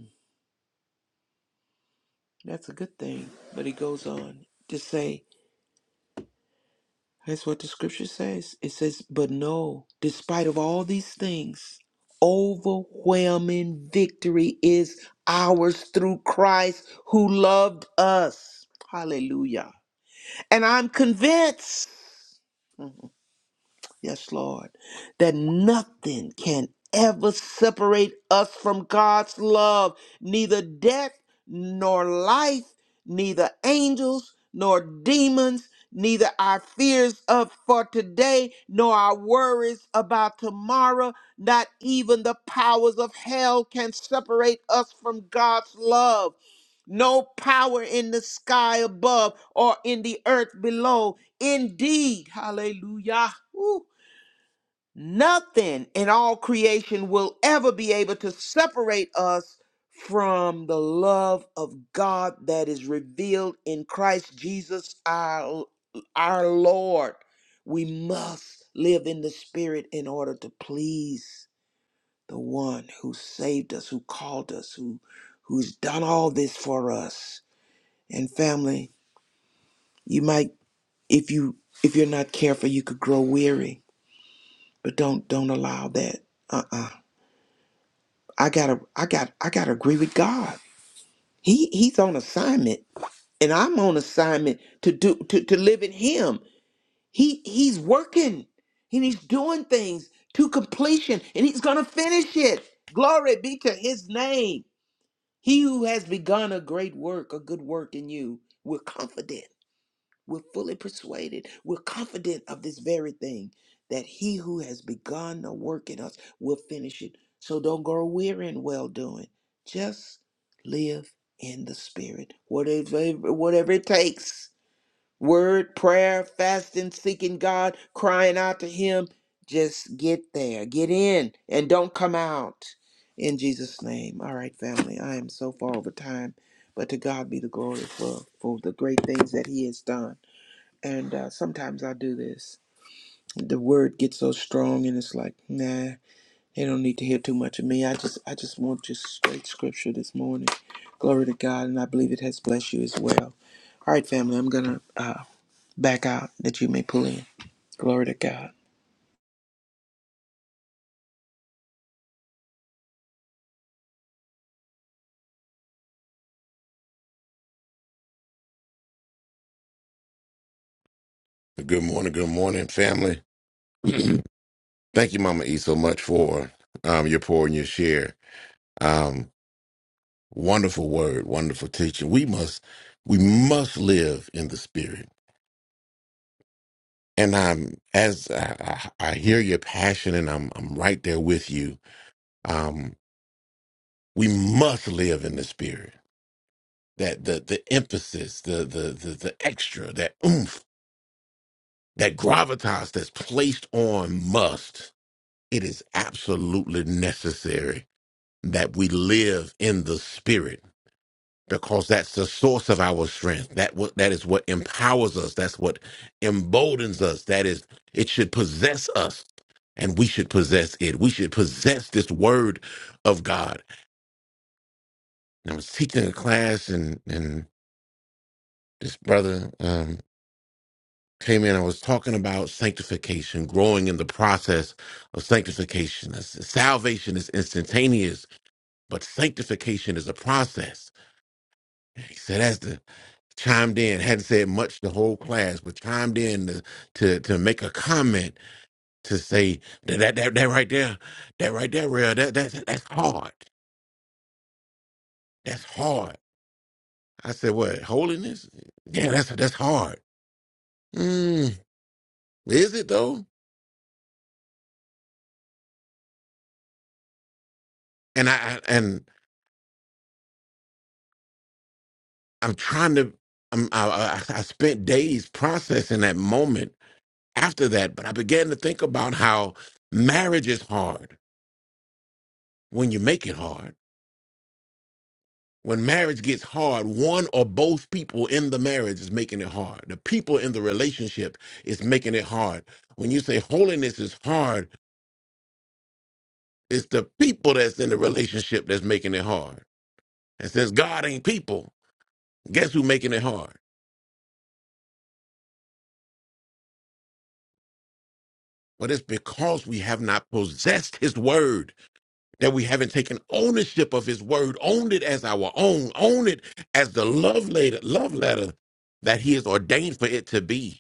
Speaker 3: that's a good thing. But he goes on to say, that's what the scripture says. It says, but no, despite of all these things, overwhelming victory is ours through Christ who loved us. Hallelujah. And I'm convinced. Yes, Lord. That nothing can ever separate us from God's love, neither death nor life, neither angels nor demons, neither our fears of for today nor our worries about tomorrow, not even the powers of hell can separate us from God's love. No power in the sky above or in the earth below. Indeed, hallelujah. Woo. Nothing in all creation will ever be able to separate us from the love of God that is revealed in Christ Jesus our, our Lord. We must live in the Spirit in order to please the one who saved us, who called us, who who's done all this for us. And family, you might if you if you're not careful, you could grow weary, but don't don't allow that. Uh I gotta, I got, I gotta agree with God. He he's on assignment, and I'm on assignment to do to, to live in Him. He he's working, and he's doing things to completion, and he's gonna finish it. Glory be to His name. He who has begun a great work, a good work in you, we're confident. We're fully persuaded. We're confident of this very thing that he who has begun a work in us will finish it. So don't grow weary in well doing. Just live in the spirit. Whatever, whatever it takes word, prayer, fasting, seeking God, crying out to him. Just get there, get in, and don't come out. In Jesus' name. All right, family. I am so far over time, but to God be the glory for, for the great things that he has done. And uh, sometimes I do this. The word gets so strong, and it's like, nah, they don't need to hear too much of me. I just, I just want just straight scripture this morning. Glory to God, and I believe it has blessed you as well. All right, family, I'm gonna uh, back out that you may pull in. Glory to God.
Speaker 2: Good morning, good morning, family. [CLEARS THROAT] thank you, Mama E, so much for um, your pour and your share. Um, Wonderful word, wonderful teaching. We must, we must live in the spirit. And I'm as I, I, I hear your passion, and I'm I'm right there with you. Um, we must live in the spirit. That the the emphasis, the the the, the extra, that oomph, that gravitas that's placed on must. It is absolutely necessary that we live in the spirit because that's the source of our strength. That what that is what empowers us. That's what emboldens us. That is it should possess us, and we should possess it. We should possess this word of God. And I was teaching a class, and and this brother um, came in. I was talking about sanctification, growing in the process of sanctification. I said, Salvation is instantaneous, but sanctification is a process. So that's the chimed in. Hadn't said much the whole class, but chimed in to to, to make a comment to say that that that, that right there, that right there, real that that's that's hard. That's hard. I said, what holiness? Yeah, that's that's hard. Mm, is it though? And I I- and I'm trying to. I'm, I, I I spent days processing that moment after that, but I began to think about how marriage is hard when you make it hard When marriage gets hard, one or both people in the marriage is making it hard. The people in the relationship is making it hard. When you say holiness is hard, it's the people that's in the relationship that's making it hard. And since God ain't people, guess who making it hard? But it's because we have not possessed his word, that we haven't taken ownership of his word, owned it as our own, owned it as the love letter, love letter that he has ordained for it to be.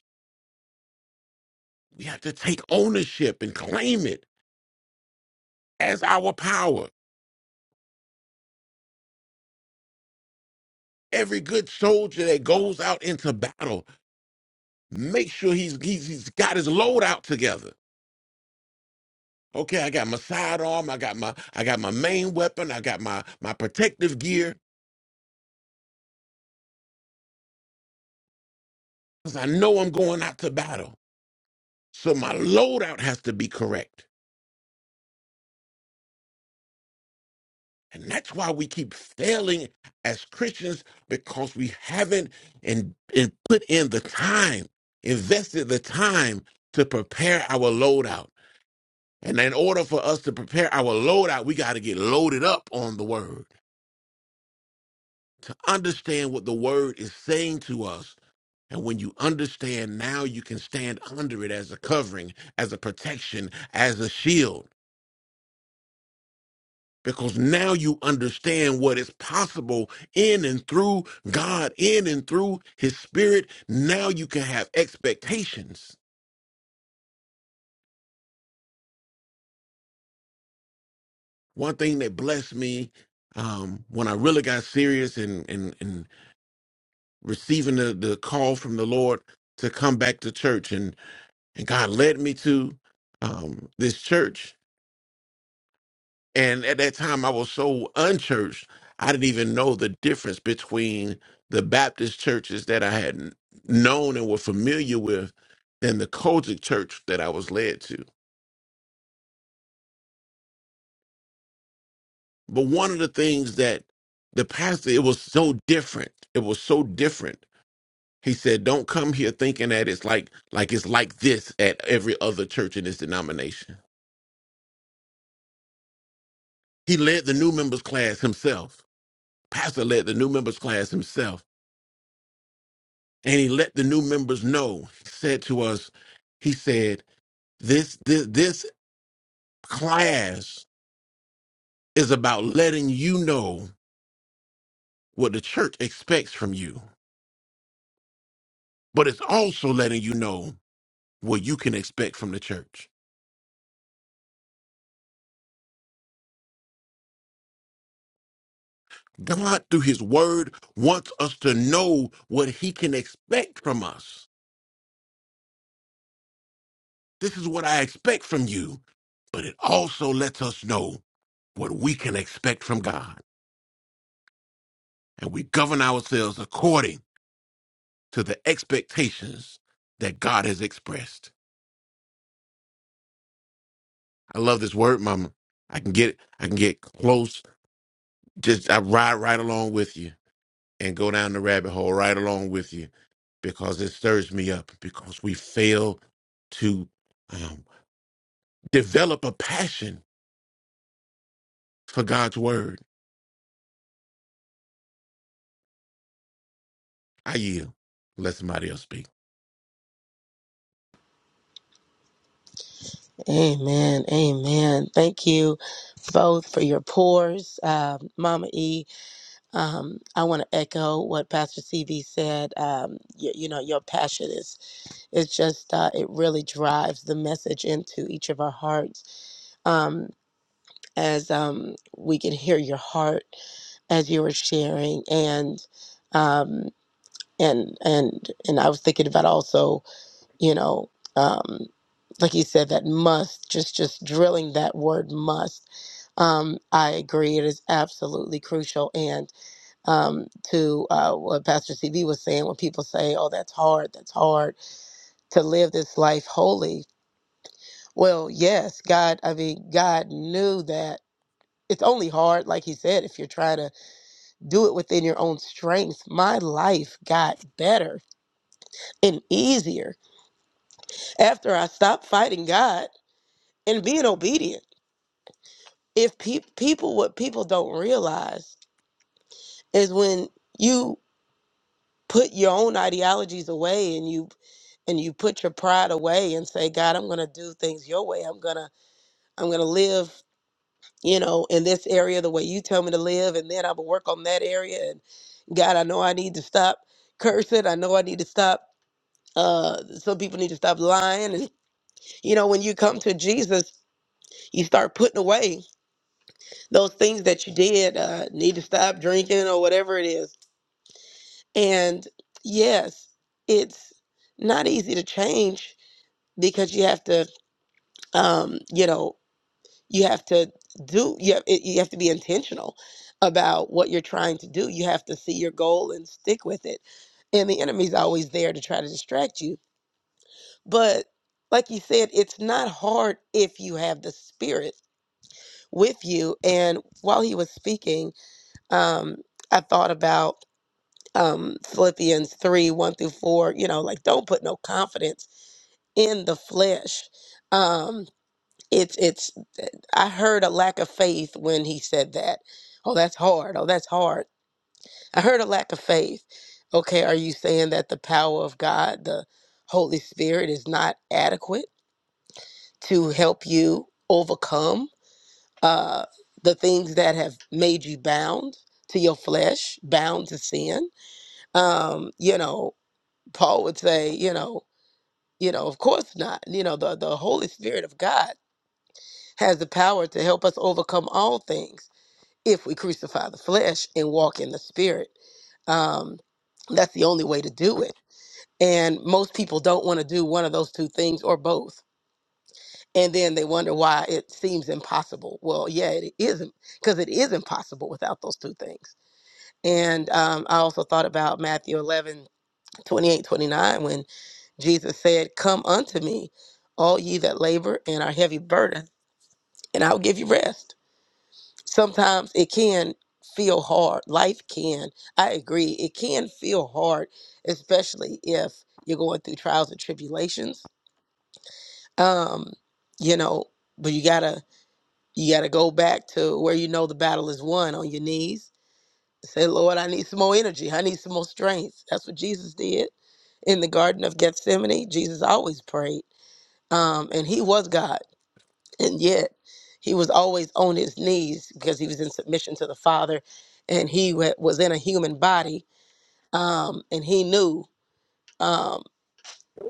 Speaker 2: We have to take ownership and claim it as our power. Every good soldier that goes out into battle, make sure he's he's, he's got his load out together. Okay, I got my sidearm, I got my I got my main weapon, I got my my protective gear, because I know I'm going out to battle. So my loadout has to be correct. And that's why we keep failing as Christians, because we haven't and, and put in the time, invested the time to prepare our loadout And in order for us to prepare our loadout, we got to get loaded up on the word to understand what the word is saying to us. And when you understand, now you can stand under it as a covering, as a protection, as a shield, because now you understand what is possible in and through God, in and through His Spirit. Now you can have expectations. One thing that blessed me um, when I really got serious and and and receiving the, the call from the Lord to come back to church, and and God led me to um, this church. And at that time, I was so unchurched, I didn't even know the difference between the Baptist churches that I had known and were familiar with, and the Kojic church that I was led to. But one of the things that the pastor, it was so different. It was so different He said, "Don't come here thinking that it's like like it's like this at every other church in this denomination." He led the new members class himself. Pastor led the new members class himself, and he let the new members know. He said to us, he said, "This this this class is about letting you know what the church expects from you, but it's also letting you know what you can expect from the church." God, through his word, wants us to know what he can expect from us. This is what I expect from you. But it also lets us know what we can expect from God. And we govern ourselves according to the expectations that God has expressed. I love this word, mama. I can get I can get close. Just I ride right along with you and go down the rabbit hole right along with you because it stirs me up because we fail to. um, Develop a passion for God's word. I yield. Let somebody else speak.
Speaker 4: Amen. Amen. Thank you both for your pours, um, Mama E. Um, I want to echo what Pastor CB said. Um, you, you know, your passion is it's just uh, it really drives the message into each of our hearts. Um, as um, we can hear your heart as you were sharing, and um, and and and I was thinking about also you know um like you said that must just just drilling that word must um i agree it is absolutely crucial and um to uh what pastor cb was saying when people say oh that's hard that's hard to live this life holy well yes god i mean god knew that it's only hard like he said if you're trying to do it within your own strength my life got better and easier after i stopped fighting god and being obedient if peop people what people don't realize is when you put your own ideologies away and you and you put your pride away and say god i'm going to do things your way i'm going to i'm going to live you know in this area the way you tell me to live and then i will work on that area and god i know i need to stop cursing i know i need to stop uh some people need to stop lying and you know when you come to jesus you start putting away those things that you did uh need to stop drinking or whatever it is And yes, it's not easy to change because you have to, um, you know, you have to do, you have, it- you have to be intentional about what you're trying to do. You have to see your goal and stick with it. And the enemy's always there to try to distract you. But like you said, it's not hard if you have the spirit with you. And while he was speaking, um, I thought about um, Philippians 3 1 through 4. You know, like don't put no confidence in the flesh. Um, it's, it's, I heard a lack of faith when he said that. Oh, that's hard. Oh, that's hard. I heard a lack of faith. Okay, are you saying that the power of God, the Holy Spirit, is not adequate to help you overcome uh, the things that have made you bound to your flesh, bound to sin? Um, you know, Paul would say, you know, You know, of course not. You know, the, the Holy Spirit of God has the power to help us overcome all things if we crucify the flesh and walk in the spirit. Um, that's the only way to do it. And most people don't want to do one of those two things or both. And then they wonder why it seems impossible. Well, yeah, it isn't, because it is impossible without those two things. And um, I also thought about Matthew 11 28 29 when. Jesus said, Come unto me, all ye that labor and are heavy burden, and I'll give you rest. Sometimes it can feel hard. Life can. I agree. It can feel hard, especially if you're going through trials and tribulations. Um, you know, but you gotta you gotta go back to where you know the battle is won on your knees. Say, Lord, I need some more energy. I need some more strength. That's what Jesus did in the Garden of Gethsemane. Jesus always prayed um, and he was God, and yet he was always on his knees because he was in submission to the Father, and he wa- was in a human body, um, and he knew. Um,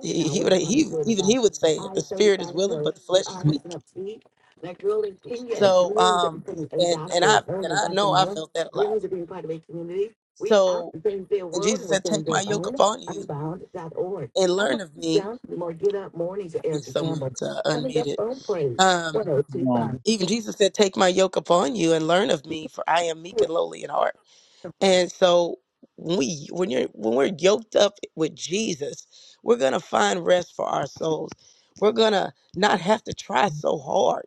Speaker 4: he, he would he even he would say it: the spirit is willing, but the flesh is weak. So, um, and and I and I know I felt that a lot. So, and Jesus said, "Take my yoke upon you and learn of me." I think someone's uh, unmuted. Um,
Speaker 5: Um,
Speaker 4: even Jesus said, "Take my yoke upon you and learn of me, for I am meek and lowly in heart." And so when we when you're when we're yoked up with Jesus, we're gonna find rest for our souls. We're gonna not have to try so hard.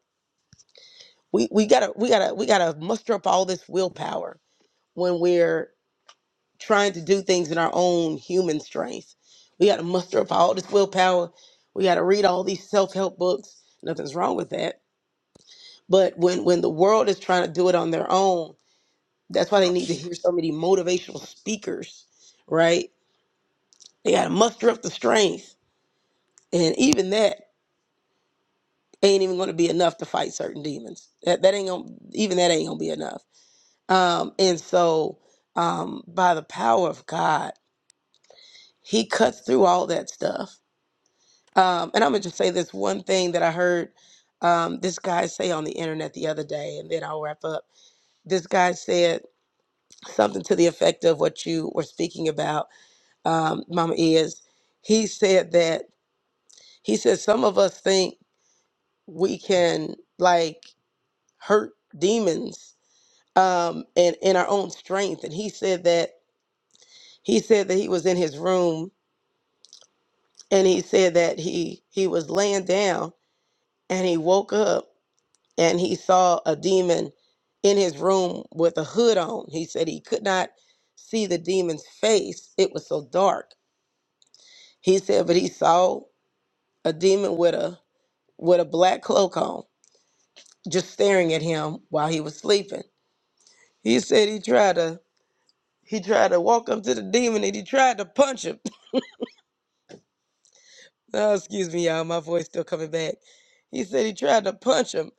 Speaker 4: We we gotta we gotta we gotta muster up all this willpower when we're trying to do things in our own human strength. We gotta muster up all this willpower. We gotta read all these self-help books. Nothing's wrong with that. But when when the world is trying to do it on their own, that's why they need to hear so many motivational speakers, right? They got to muster up the strength, and even that ain't even going to be enough to fight certain demons. That that ain't gonna, even that ain't gonna be enough. Um, and so, um, by the power of God, He cuts through all that stuff. Um, and I'm gonna just say this one thing that I heard um, this guy say on the internet the other day, and then I'll wrap up. This guy said something to the effect of what you were speaking about, um, Mama is. He said that he said some of us think. we can like hurt demons um and in our own strength and he said that he said that he was in his room and he said that he he was laying down and he woke up and he saw a demon in his room with a hood on he said he could not see the demon's face it was so dark he said but he saw a demon with a with a black cloak on just staring at him while he was sleeping he said he tried to He tried to walk up to the demon and he tried to punch him. [LAUGHS] Oh, excuse me, y'all. My voice still coming back. He said he tried to punch him.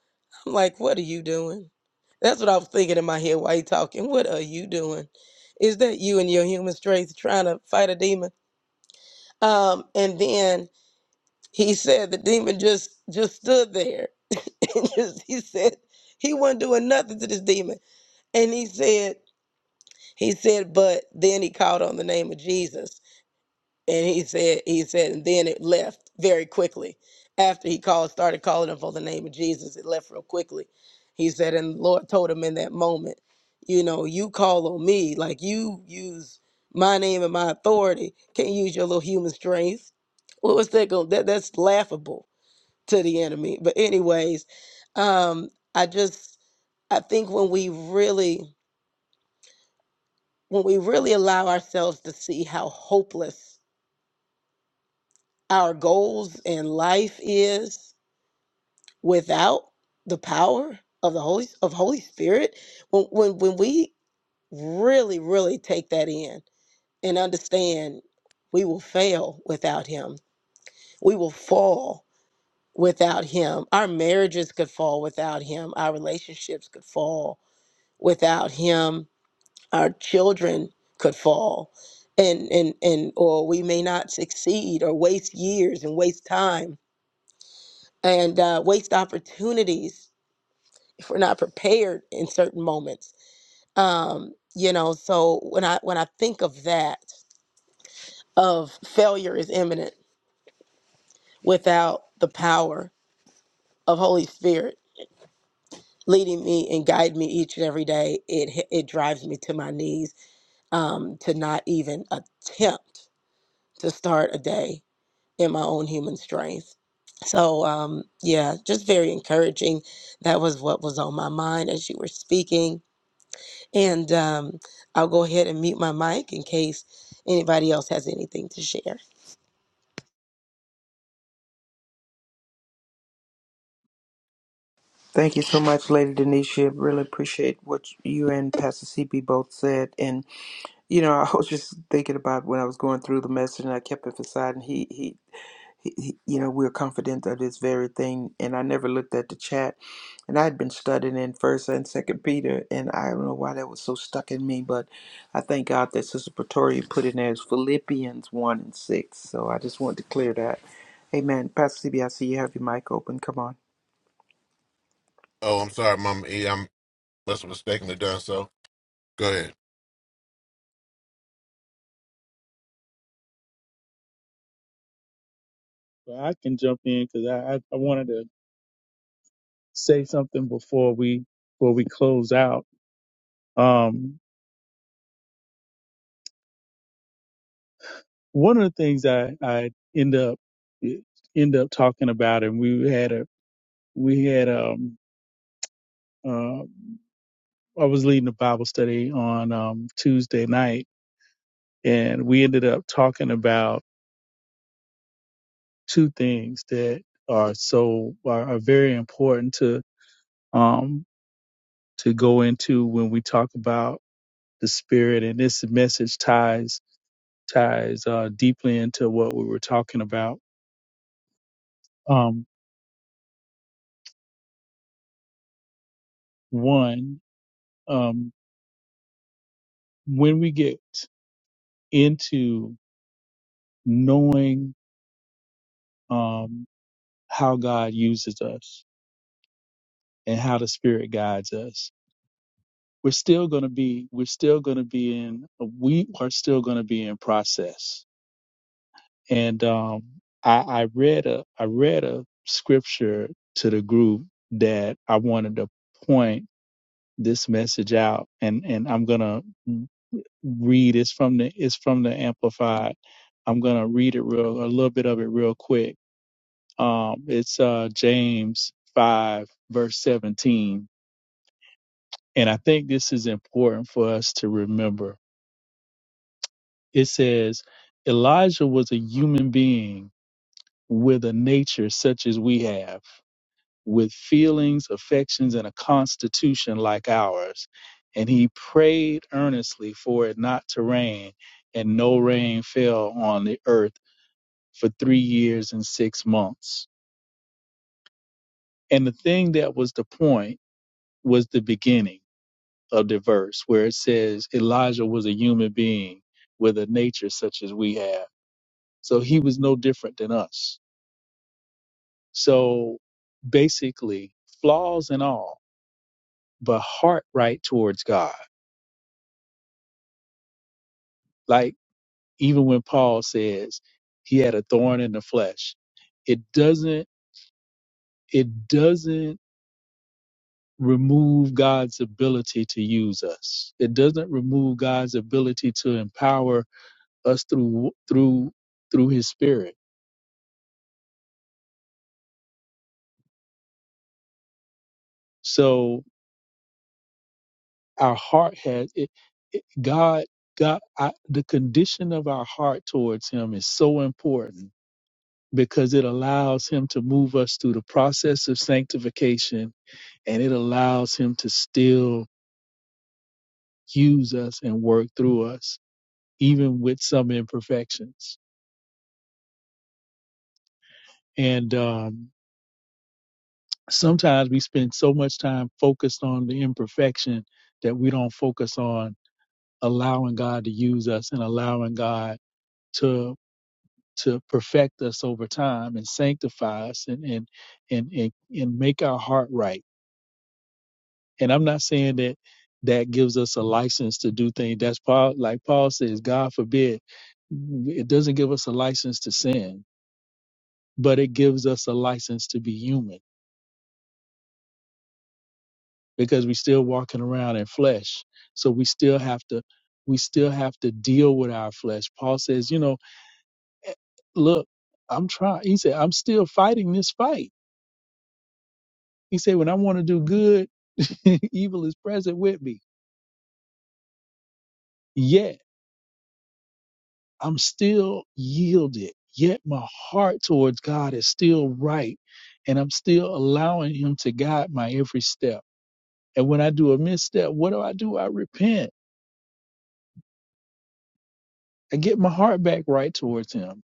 Speaker 4: I'm like, what are you doing? That's what I was thinking in my head while he talking. What are you doing? Is that you and your human strength trying to fight a demon? Um, and then he said the demon just just stood there. [LAUGHS] and just, he said he wasn't doing nothing to this demon. And he said, he said, but then he called on the name of Jesus And he said, he said, and then it left very quickly. After he called, started calling him for the name of Jesus, it left real quickly. He said, and the Lord told him in that moment, you know, you call on me, like you use my name and my authority. Can't use your little human strength. What was that going? That that's laughable to the enemy. But anyways, um, I just I think when we really when we really allow ourselves to see how hopeless our goals in life is without the power of the holy of holy spirit when when, when we really really take that in and understand we will fail without him we will fall without him our marriages could fall without him our relationships could fall without him our children could fall and and and or we may not succeed or waste years and waste time and uh, waste opportunities if we're not prepared in certain moments. Um, you know, so when I when I think of that, of failure is imminent without the power of Holy Spirit leading me and guiding me each and every day, it hi- it drives me to my knees um, to not even attempt to start a day in my own human strength. So um, yeah, just very encouraging. That was what was on my mind as you were speaking And um, I'll go ahead and mute my mic in case anybody else has anything to share.
Speaker 3: Thank you so much, Lady Denisha. Really appreciate what you and Pastor CB both said. And you know, [LAUGHS] I was just thinking about when I was going through the message, and I kept emphasizing he he He- he- You know, we're confident of this very thing. And I never looked at the chat. And I had been studying in First and Second Peter, and I don't know why that was so stuck in me, but I thank God that Sister Pretoria put in there as Philippians one and six. So I just wanted to clear that. Amen. Pastor CB, I see you have your mic open. Come on.
Speaker 2: Oh, I'm sorry, Mama E. I'm must have mistakenly done so. Go ahead.
Speaker 5: but I can jump in because I, I, I wanted to say something before we before we close out. Um, one of the things I I end up eh, end up talking about, and we had a we had um uh, I was leading a Bible study on um Tuesday night, and we ended up talking about two things that are so are, are very important to um to go into when we talk about the spirit and this message ties ties uh, deeply into what we were talking about um, one um, when we get into knowing um, how god uses us and how the spirit guides us we're still going to be we're still going to be in we are still going to be in process and um, I, I read a i read a scripture to the group that i wanted to point this message out and and I'm going to read it's from the it's from the amplified. I'm going to read it real a little bit of it real quick. Um it's uh James 5 verse 17 and I think this is important for us to remember. It says Elijah was a human being with a nature such as we have with feelings, affections, and a constitution like ours. And he prayed earnestly for it not to rain, and no rain fell on the earth for three years and six months. And the thing that was the point was the beginning of the verse where it says Elijah was a human being with a nature such as we have. So he was no different than us. So basically, flaws and all, but heart right towards God. Like Even when Paul says he had a thorn in the flesh, it doesn't it doesn't remove God's ability to use us. It doesn't remove God's ability to empower us through through through His Spirit. So our heart has it, it- God. God, I, the condition of our heart towards Him is so important because it allows Him to move us through the process of sanctification, and it allows Him to still use us and work through us, even with some imperfections. And um, sometimes we spend so much time focused on the imperfection that we don't focus on allowing God to use us and allowing God to to perfect us over time and sanctify us and and and and, and make our heart right. And I'm not saying that that gives us a license to do things. That's Paul, like Paul says, God forbid, it doesn't give us a license to sin but it gives us a license to be human because we're still walking around in flesh. So we still have to we still have to deal with our flesh. Paul says, you know, "Eh, look, I'm trying. He said, I'm still fighting this fight. He said, when I want to do good, [LAUGHS] evil is present with me. Yet I'm still yielded. Yet my heart towards God is still right. And I'm still allowing him to guide my every step. And when I do a misstep, what do I do? I repent I get my heart back right towards him.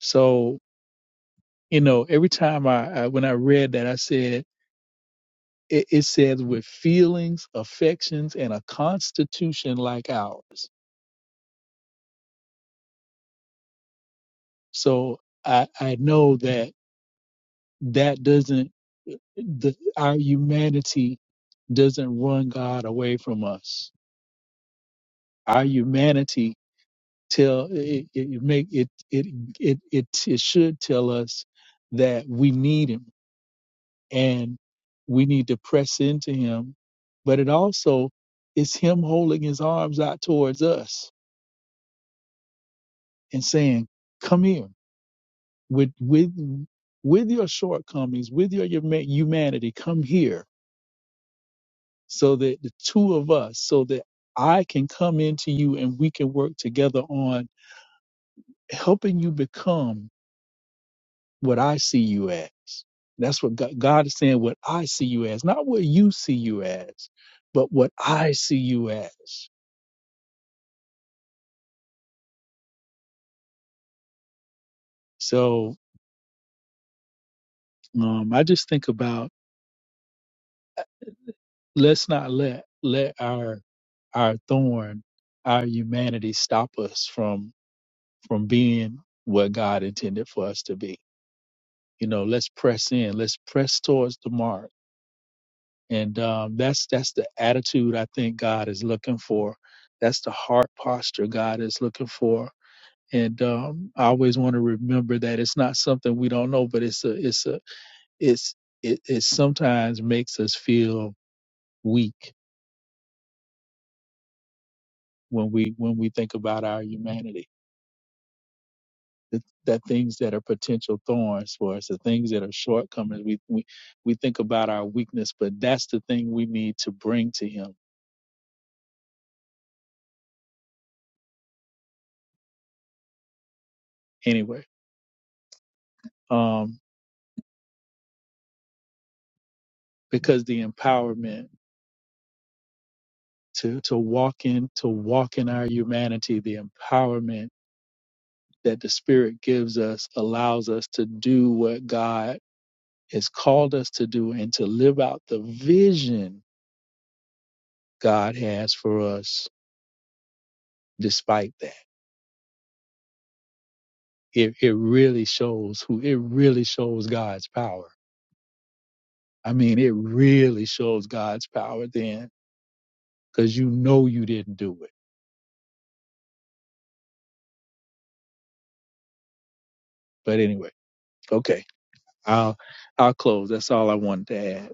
Speaker 5: So, you know, every time I, I when I read that, I said, it, it says with feelings, affections, and a constitution like ours. So I, I know that that doesn't, the, our humanity doesn't run God away from us. Our humanity tell it, it it make it, it it it it should tell us that we need Him and we need to press into him but it also is him holding his arms out towards us and saying come here with with with your shortcomings with your huma- humanity come here so that the two of us so that i can come into you and we can work together on helping you become what i see you as that's what god, god is saying what i see you as not what you see you as but what i see you as So um, I just think about uh, let's not let let our our thorn, our humanity stop us from from being what God intended for us to be. You know, let's press in, let's press towards the mark. And um, that's that's the attitude I think God is looking for. That's the heart posture God is looking for. And um, I always want to remember that it's not something we don't know, but it's a it's a it's it, it sometimes makes us feel weak when we when we think about our humanity. That, that things that are potential thorns for us, the things that are shortcomings, we, we we think about our weakness, but that's the thing we need to bring to Him anyway, um, because the empowerment to to walk in to walk in our humanity, the empowerment that the Spirit gives us allows us to do what God has called us to do and to live out the vision God has for us despite that. it, it really shows who it really shows God's power. I mean, it really shows God's power then because you know you didn't do it. But anyway, okay, I'll I'll close. That's all I wanted to add.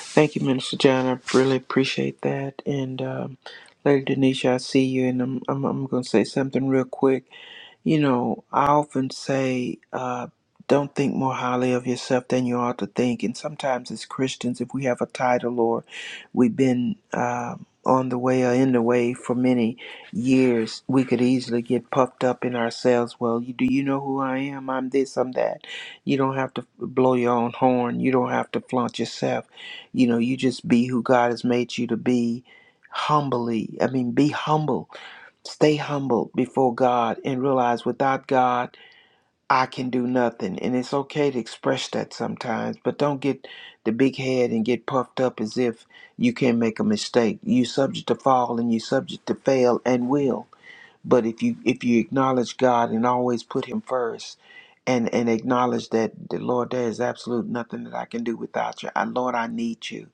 Speaker 3: Thank you, Minister John. I really appreciate that. And um, Lady Denisha, I see you, and I'm, I'm, I'm going to say something real quick. You know, I often say, uh, don't think more highly of yourself than you ought to think. And sometimes, as Christians, if we have a title or we've been uh, on the way or in the way for many years, we could easily get puffed up in ourselves. Well, you, do you know who I am? I'm this, I'm that. You don't have to blow your own horn. You don't have to flaunt yourself. You know, you just be who God has made you to be humbly. I mean, be humble Stay humble before God and realize without God, I can do nothing. And it's okay to express that sometimes, but don't get the big head and get puffed up as if you can make a mistake. You're subject to fall and you're subject to fail and will. But if you if you acknowledge God and always put Him first, and and acknowledge that the Lord, there is absolute nothing that I can do without you. I, Lord, I need you.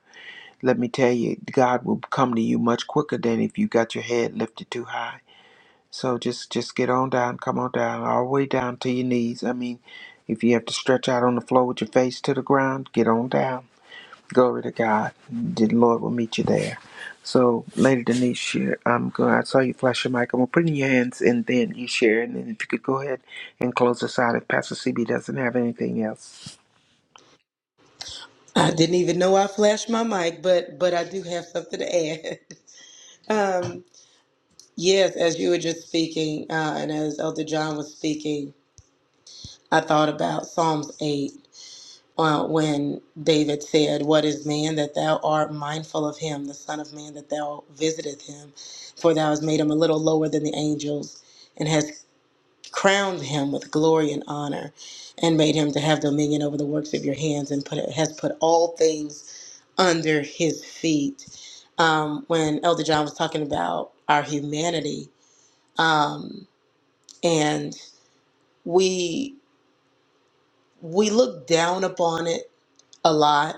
Speaker 3: Let me tell you, God will come to you much quicker than if you got your head lifted too high so just just get on down, come on down, all the way down to your knees. I mean, if you have to stretch out on the floor with your face to the ground, get on down. Glory to God. The Lord will meet you there. So, Lady Denise, share- I'm going. I saw you flash your mic. I'm gonna put it in your hands, and then you share. And then if you could go ahead and close us out, if Pastor CB doesn't have anything else,
Speaker 4: I didn't even know I flashed my mic, but but I do have something to add. [LAUGHS] Um, yes, as you were just speaking, uh, and as Elder John was speaking, I thought about Psalms eight. uh, when David said, What is man that thou art mindful of him, the Son of Man that thou visiteth him? For thou hast made him a little lower than the angels, and hast crowned him with glory and honor, and made him to have dominion over the works of your hands, and put, has put all things under his feet. Um, when Elder John was talking about our humanity, um, and we we look down upon it a lot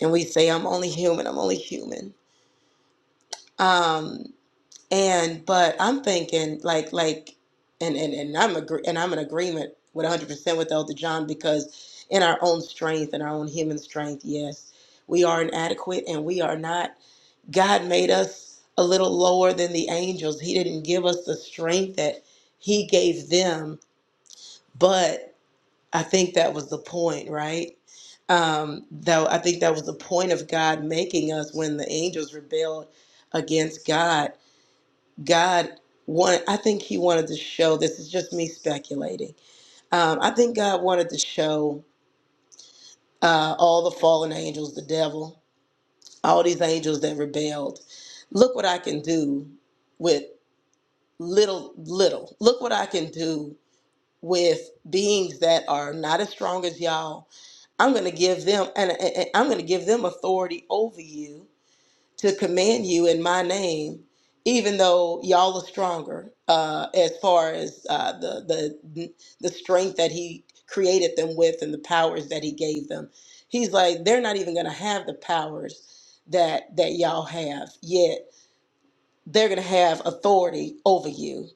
Speaker 4: and we say i'm only human i'm only human um and but i'm thinking like like and and, and i'm agree and i'm in agreement with 100% with elder john because in our own strength in our own human strength yes we are inadequate and we are not god made us a little lower than the angels he didn't give us the strength that he gave them but. I think that was the point, right? Um, though I think that was the point of God making us when the angels rebelled against God. God wanted, I think He wanted to show. This is just me speculating. Um, I think God wanted to show uh, all the fallen angels, the devil, all these angels that rebelled. Look what I can do with little, little. Look what I can do with beings that are not as strong as y'all. I'm going to give them and, and- and I'm going to give them authority over you to command you in my name, even though y'all are stronger uh, as far as uh, the the the strength that he created them with and the powers that he gave them. He's like they're not even going to have the powers that that y'all have yet. They're going to have authority over you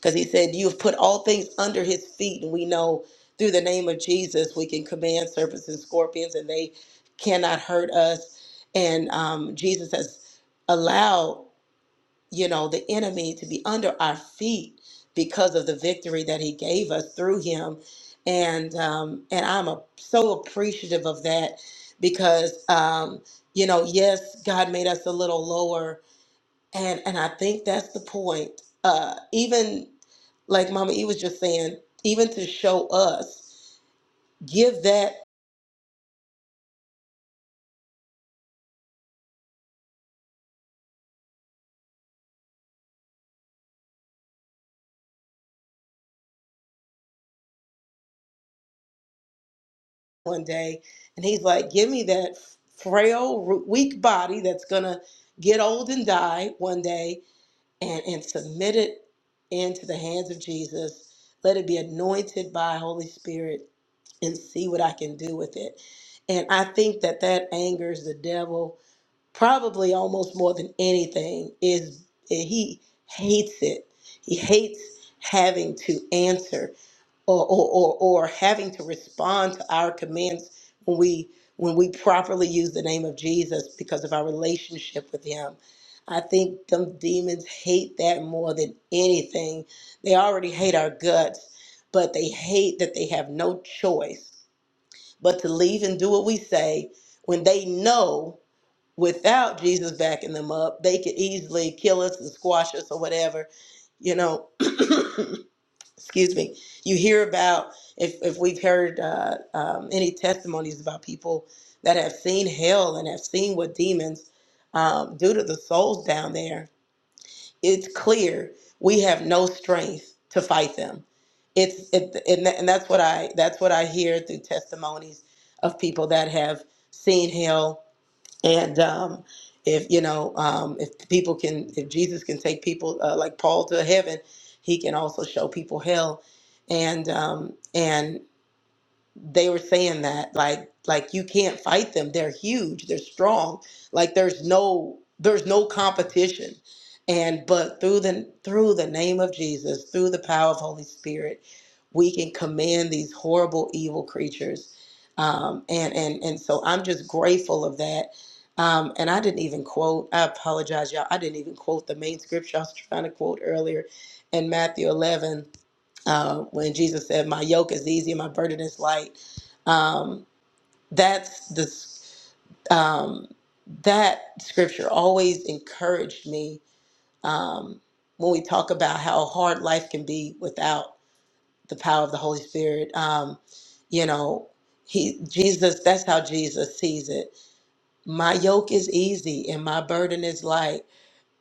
Speaker 4: because he said, You've put all things under his feet. And we know through the name of Jesus, we can command serpents and scorpions, and they cannot hurt us. And um, Jesus has allowed, you know, the enemy to be under our feet because of the victory that he gave us through him. And um, and I'm a, so appreciative of that because um, you know, yes, God made us a little lower and and I think that's the point. Uh, even like Mama E was just saying, even to show us, give that one day. And he's like, give me that frail, ru- weak body that's gonna get old and die one day, and and submit it into the hands of Jesus. Let it be anointed by Holy Spirit, and see what I can do with it. And I think that that angers the devil probably almost more than anything is he hates it he hates having to answer or, or, or, or having to respond to our commands when we when we properly use the name of jesus because of our relationship with him i think them demons hate that more than anything they already hate our guts but they hate that they have no choice but to leave and do what we say when they know without Jesus backing them up, they could easily kill us and squash us or whatever. You know, [COUGHS] [CLEARS THROAT] excuse me. You hear about if if we've heard uh, um, any testimonies about people that have seen hell and have seen what demons um, do to the souls down there. It's clear we have no strength to fight them. It's it, and, tha- and that's what I that's what I hear through testimonies of people that have seen hell and um, if you know, um, if people can, if Jesus can take people uh, like Paul to heaven, he can also show people hell. And um, and they were saying that like like you can't fight them they're huge they're strong like there's no there's no competition and but through the through the name of jesus through the power of holy spirit we can command these horrible evil creatures um, and and and so i'm just grateful of that um, and i didn't even quote i apologize y'all i didn't even quote the main scripture i was trying to quote earlier in matthew 11 uh, when Jesus said, "My yoke is easy and my burden is light." Um, that's the um, that scripture always encouraged me um, when we talk about how hard life can be without the power of the Holy Spirit. Um, you know, he Jesus. That's how Jesus sees it. My yoke is easy and my burden is light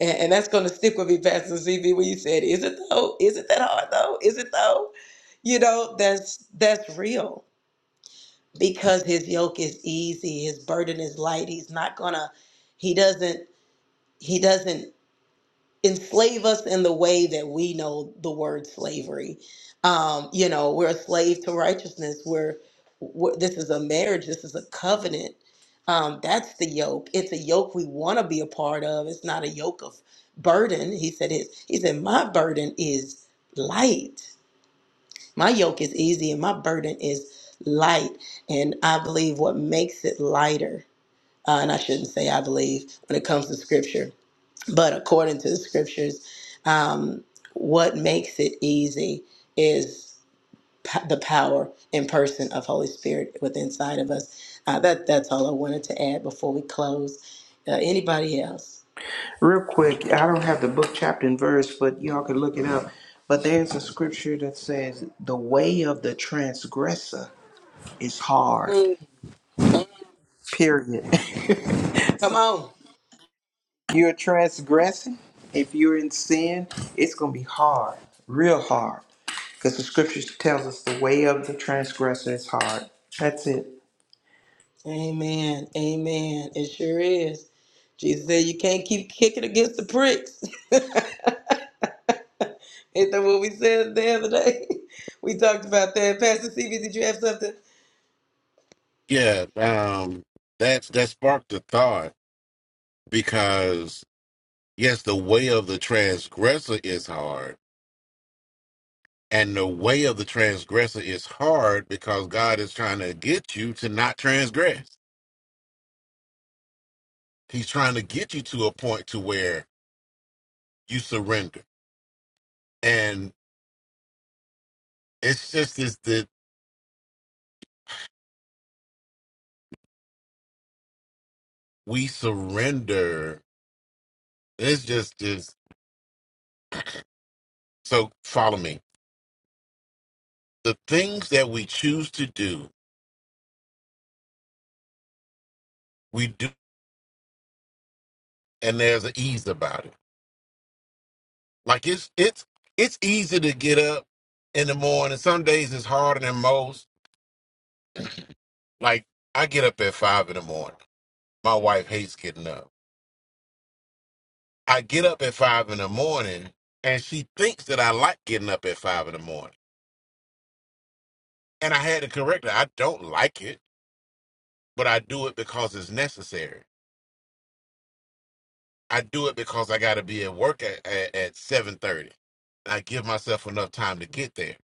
Speaker 4: and, and that's going to stick with me, Pastor CB, when you said, "Is it though? Is it that hard though? Is it though?" You know, that's that's real because his yoke is easy, his burden is light. He's not gonna, he doesn't, he doesn't enslave us in the way that we know the word slavery. Um, you know, we're a slave to righteousness. We're, we're this is a marriage. This is a covenant. Um, that's the yoke. It's a yoke we want to be a part of. It's not a yoke of burden. He said. His, he said, my burden is light. My yoke is easy, and my burden is light. And I believe what makes it lighter. Uh, and I shouldn't say I believe when it comes to scripture but according to the scriptures, um, what makes it easy is p- the power and person of Holy Spirit within inside of us. Uh, that that's all I wanted to add before we close. Uh, anybody else?
Speaker 3: real quick. I don't have the book chapter and verse, but y'all can look it up. But there's a scripture that says, "The way of the transgressor is hard."
Speaker 4: Mm,
Speaker 3: Period. [LAUGHS]
Speaker 4: Come
Speaker 3: so
Speaker 4: on.
Speaker 3: you're transgressing. If you're in sin, it's gonna be hard, real hard, because the scripture tells us the way of the transgressor is hard. That's it.
Speaker 4: Amen. Amen. It sure is. Jesus said you can't keep kicking against the pricks. [LAUGHS] Ain't that what we said the other day? [LAUGHS] We talked about that. Pastor CB, did you have something?
Speaker 2: Yeah, um, that's that sparked the thought because yes, the way of the transgressor is hard, and the way of the transgressor is hard because God is trying to get you to not transgress. He's trying to get you to a point to where you surrender, and it's just this that we surrender It's just is so follow me. The things that we choose to do, we do and there's an ease about it. Like it's it's it's easy to get up in the morning. Some days it's harder than most. Like I get up at five in the morning. My wife hates getting up. I get up at five in the morning and she thinks that I like getting up at five in the morning. And I had to correct her. I don't like it, but I do it because it's necessary. I do it because I got to be at work at, at, at 7.30. I give myself enough time to get there.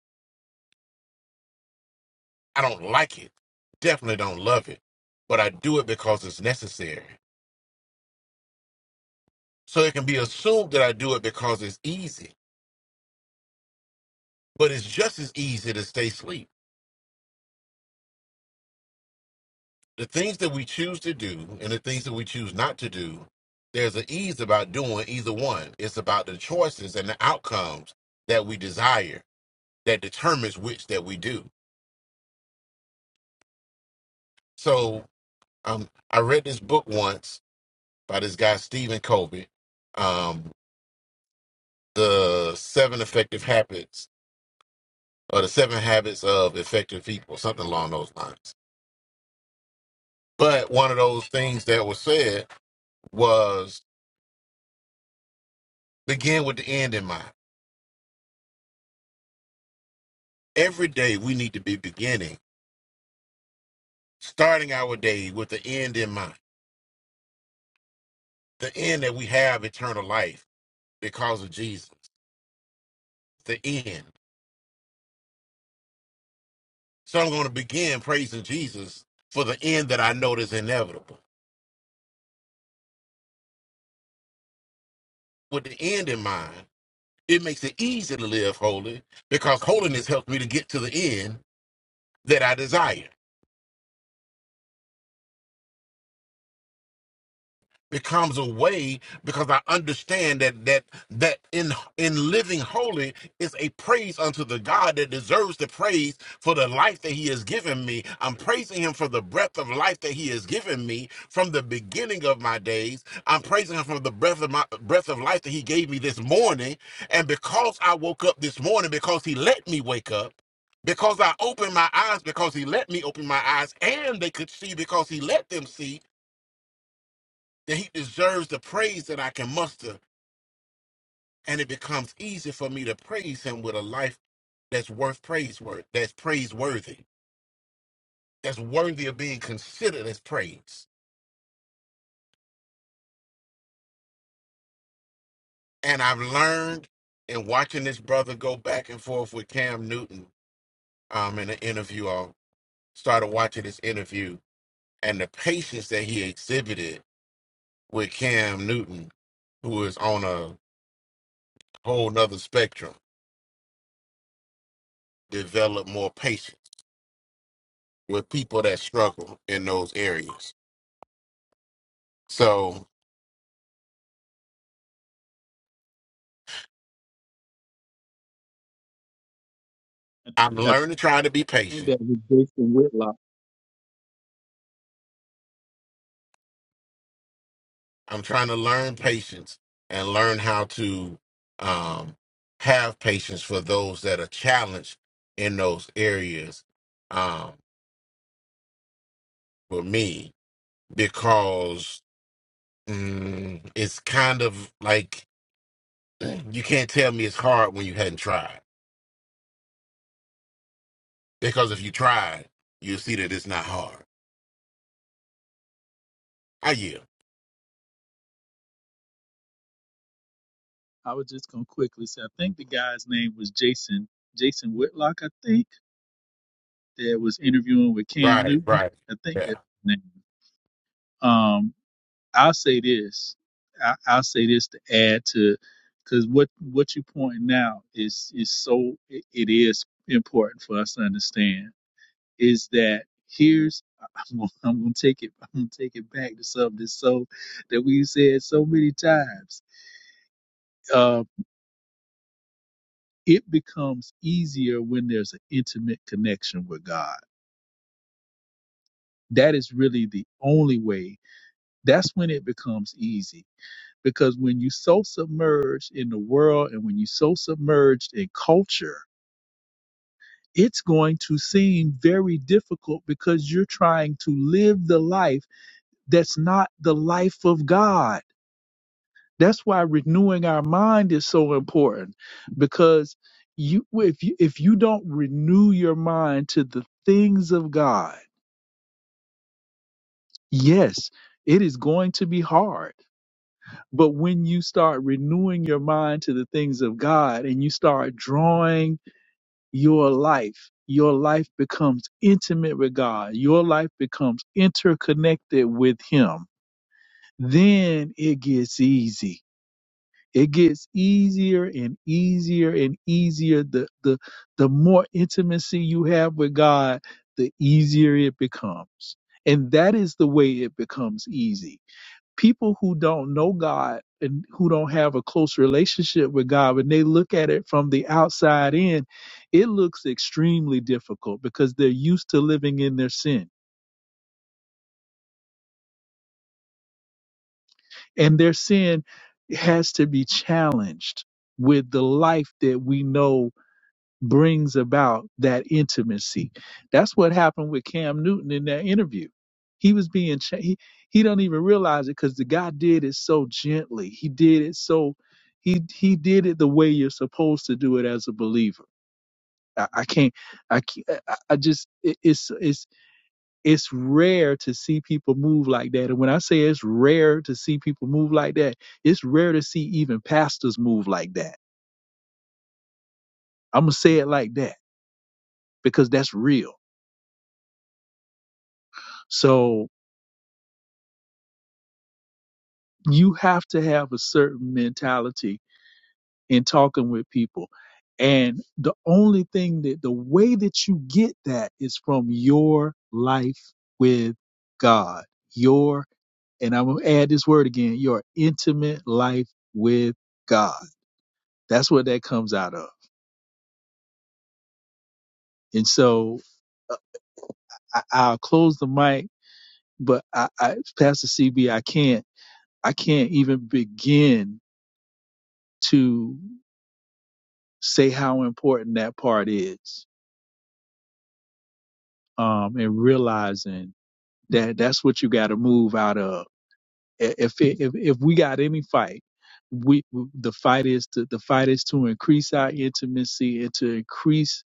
Speaker 2: I don't like it. Definitely don't love it. But I do it because it's necessary. So it can be assumed that I do it because it's easy. But it's just as easy to stay asleep. The things that we choose to do and the things that we choose not to do, there's an ease about doing either one. It's about the choices and the outcomes that we desire that determines which that we do. So um, I read this book once by this guy Stephen Covey, um, the Seven Effective Habits or the Seven Habits of Effective People, something along those lines. But one of those things that was said was begin with the end in mind. Every day we need to be beginning, starting our day with the end in mind. The end that we have eternal life because of Jesus. The end. So I'm going to begin praising Jesus for the end that I know is inevitable. with the end in mind, it makes it easy to live holy because holiness helps me to get to the end that I desire. becomes a way because I understand that that that in in living holy is a praise unto the God that deserves the praise for the life that He has given me. I'm praising Him for the breath of life that He has given me from the beginning of my days. I'm praising Him for the breath of my breath of life that He gave me this morning. And because I woke up this morning, because He let me wake up. Because I opened my eyes, because he let me open my eyes, and they could see because he let them see that he deserves the praise that I can muster. And it becomes easy for me to praise him with a life that's worth praiseworthy, that's praiseworthy, that's worthy of being considered as praise. And I've learned in watching this brother go back and forth with Cam Newton um, in an interview. I started watching this interview and the patience that he exhibited with Cam Newton, who is on a whole nother spectrum, develop more patience with people that struggle in those areas So I'm
Speaker 5: I
Speaker 2: learning to try to be
Speaker 5: think
Speaker 2: patient.
Speaker 5: that was Jason Whitlock.
Speaker 2: I'm trying to learn patience and learn how to um, have patience for those that are challenged in those areas um, for me because mm, it's kind of like [CLEARS THROAT] you can't tell me it's hard when you hadn't tried because if you tried, you'll see that it's not hard. I yield.
Speaker 5: I was just gonna quickly say I think the guy's name was Jason Jason Whitlock. I think that was interviewing with Cam
Speaker 2: Right,
Speaker 5: Newton.
Speaker 2: right.
Speaker 5: I think
Speaker 2: Yeah.
Speaker 5: that's his name. Um, I'll say this. I, I'll say this to add to, because what what you pointing out is is so it, it is important for us to understand is that here's [LAUGHS] I'm gonna, I'm gonna take it I'm gonna take it back to something so that we said so many times. Uh, it becomes easier when there's an intimate connection with God. That is really the only way. That's when it becomes easy because when you so submerged in the world and when you so submerged in culture it's going to seem very difficult because you're trying to live the life that's not the life of god that's why renewing our mind is so important because you if you if you don't renew your mind to the things of god yes it is going to be hard but when you start renewing your mind to the things of God and you start drawing your life. Your life becomes intimate with God. Your life becomes interconnected with Him. Then it gets easy. It gets easier and easier and easier. The, the, the more intimacy you have with God, the easier it becomes. And that is the way it becomes easy people who don't know God and who don't have a close relationship with God, when they look at it from the outside in, it looks extremely difficult because they're used to living in their sin. And their sin has to be challenged with the life that we know brings about that intimacy. That's what happened with Cam Newton in that interview. He was being cha- he he don't even realize it because the guy did it so gently. He did it so he he did it the way you're supposed to do it as a believer. I, I can't I can't, I I just it, it's it's it's rare to see people move like that. And when I say it's rare to see people move like that, it's rare to see even pastors move like that. I'm gonna say it like that because that's real. So you have to have a certain mentality in talking with people. And the only thing that the way that you get that is from your life with God. Your, and I'm going to add this word again, your intimate life with God. That's what that comes out of. And so uh, I, I'll close the mic, but I, I, Pastor CB, I can't, I can't even begin to say how important that part is um, and realizing that that's what you got to move out of. I- If, it, if if we got any fight, we the fight is to the fight is to increase our intimacy and to increase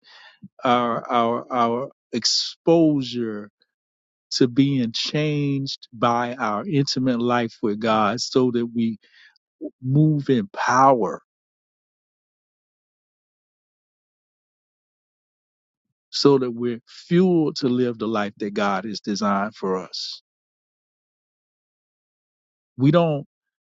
Speaker 5: our our our exposure to being changed by our intimate life with God, so that we move in power, so that we're fueled to live the life that God has designed for us. We don't.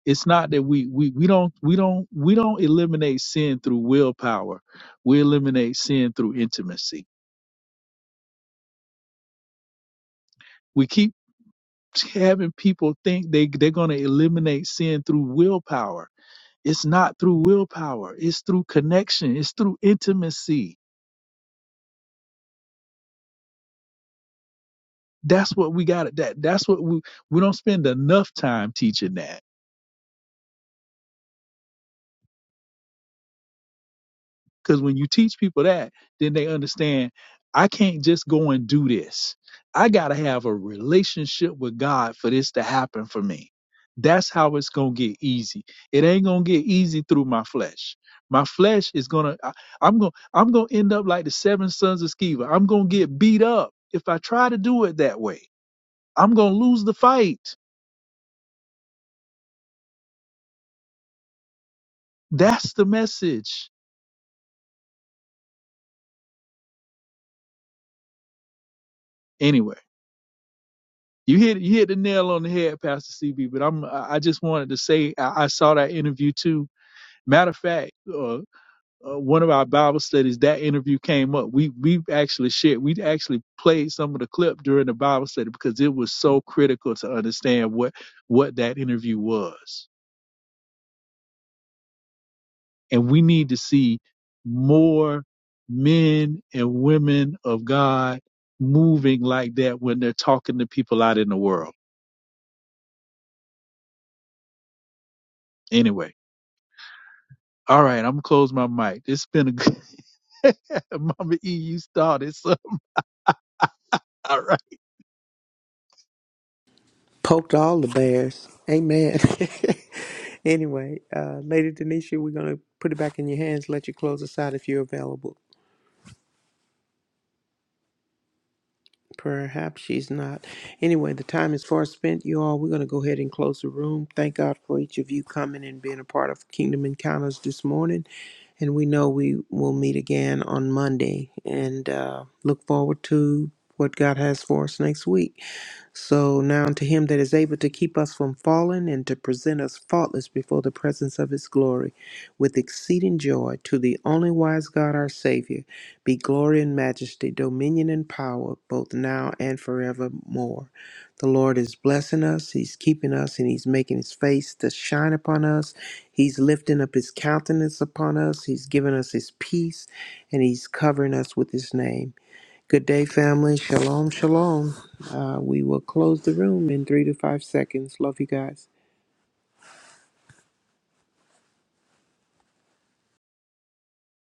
Speaker 5: it's not that we we we don't we don't we don't eliminate sin through willpower. We eliminate sin through intimacy. We keep having people think they they're going to eliminate sin through willpower. It's not through willpower. It's through connection. It's through intimacy. That's what we got. That that's what we we don't spend enough time teaching that Because when you teach people that, then they understand I can't just go and do this. I got to have a relationship with God for this to happen for me. That's how it's going to get easy. It ain't going to get easy through my flesh. My flesh is going to, I'm going to I'm going to end up like the seven sons of Sceva. I'm going to get beat up if I try to do it that way. I'm going to lose the fight. That's the message. Anyway. You hit you hit the nail on the head, Pastor CB. But I'm I just wanted to say I, I saw that interview too. Matter of fact, uh, uh, one of our Bible studies that interview came up. We we actually shared we actually played some of the clip during the Bible study because it was so critical to understand what what that interview was. And we need to see more men and women of God moving like that when they're talking to people out in the world. Anyway. All right, I'm gonna close my mic. It's been a good [LAUGHS] Mama E, you started. So all right.
Speaker 3: Poked all the bears. Amen. [LAUGHS] anyway, uh, Lady Denisha, we're gonna put it back in your hands. Let you close us out if you're available. Perhaps she's not. Anyway, the time is far spent, you all. We're going to go ahead and close the room. Thank God for each of you coming and being a part of Kingdom Encounters this morning. And we know we will meet again on Monday and uh, look forward to what God has for us next week. So now unto him that is able to keep us from falling and to present us faultless before the presence of his glory with exceeding joy, to the only wise God our Savior, be glory and majesty, dominion and power, both now and forevermore. The Lord is blessing us, he's keeping us, and he's making his face to shine upon us. He's lifting up his countenance upon us, he's giving us his peace, and he's covering us with his name. Good day, family. Shalom, shalom. Uh, we will close the room in three to five seconds. Love you guys.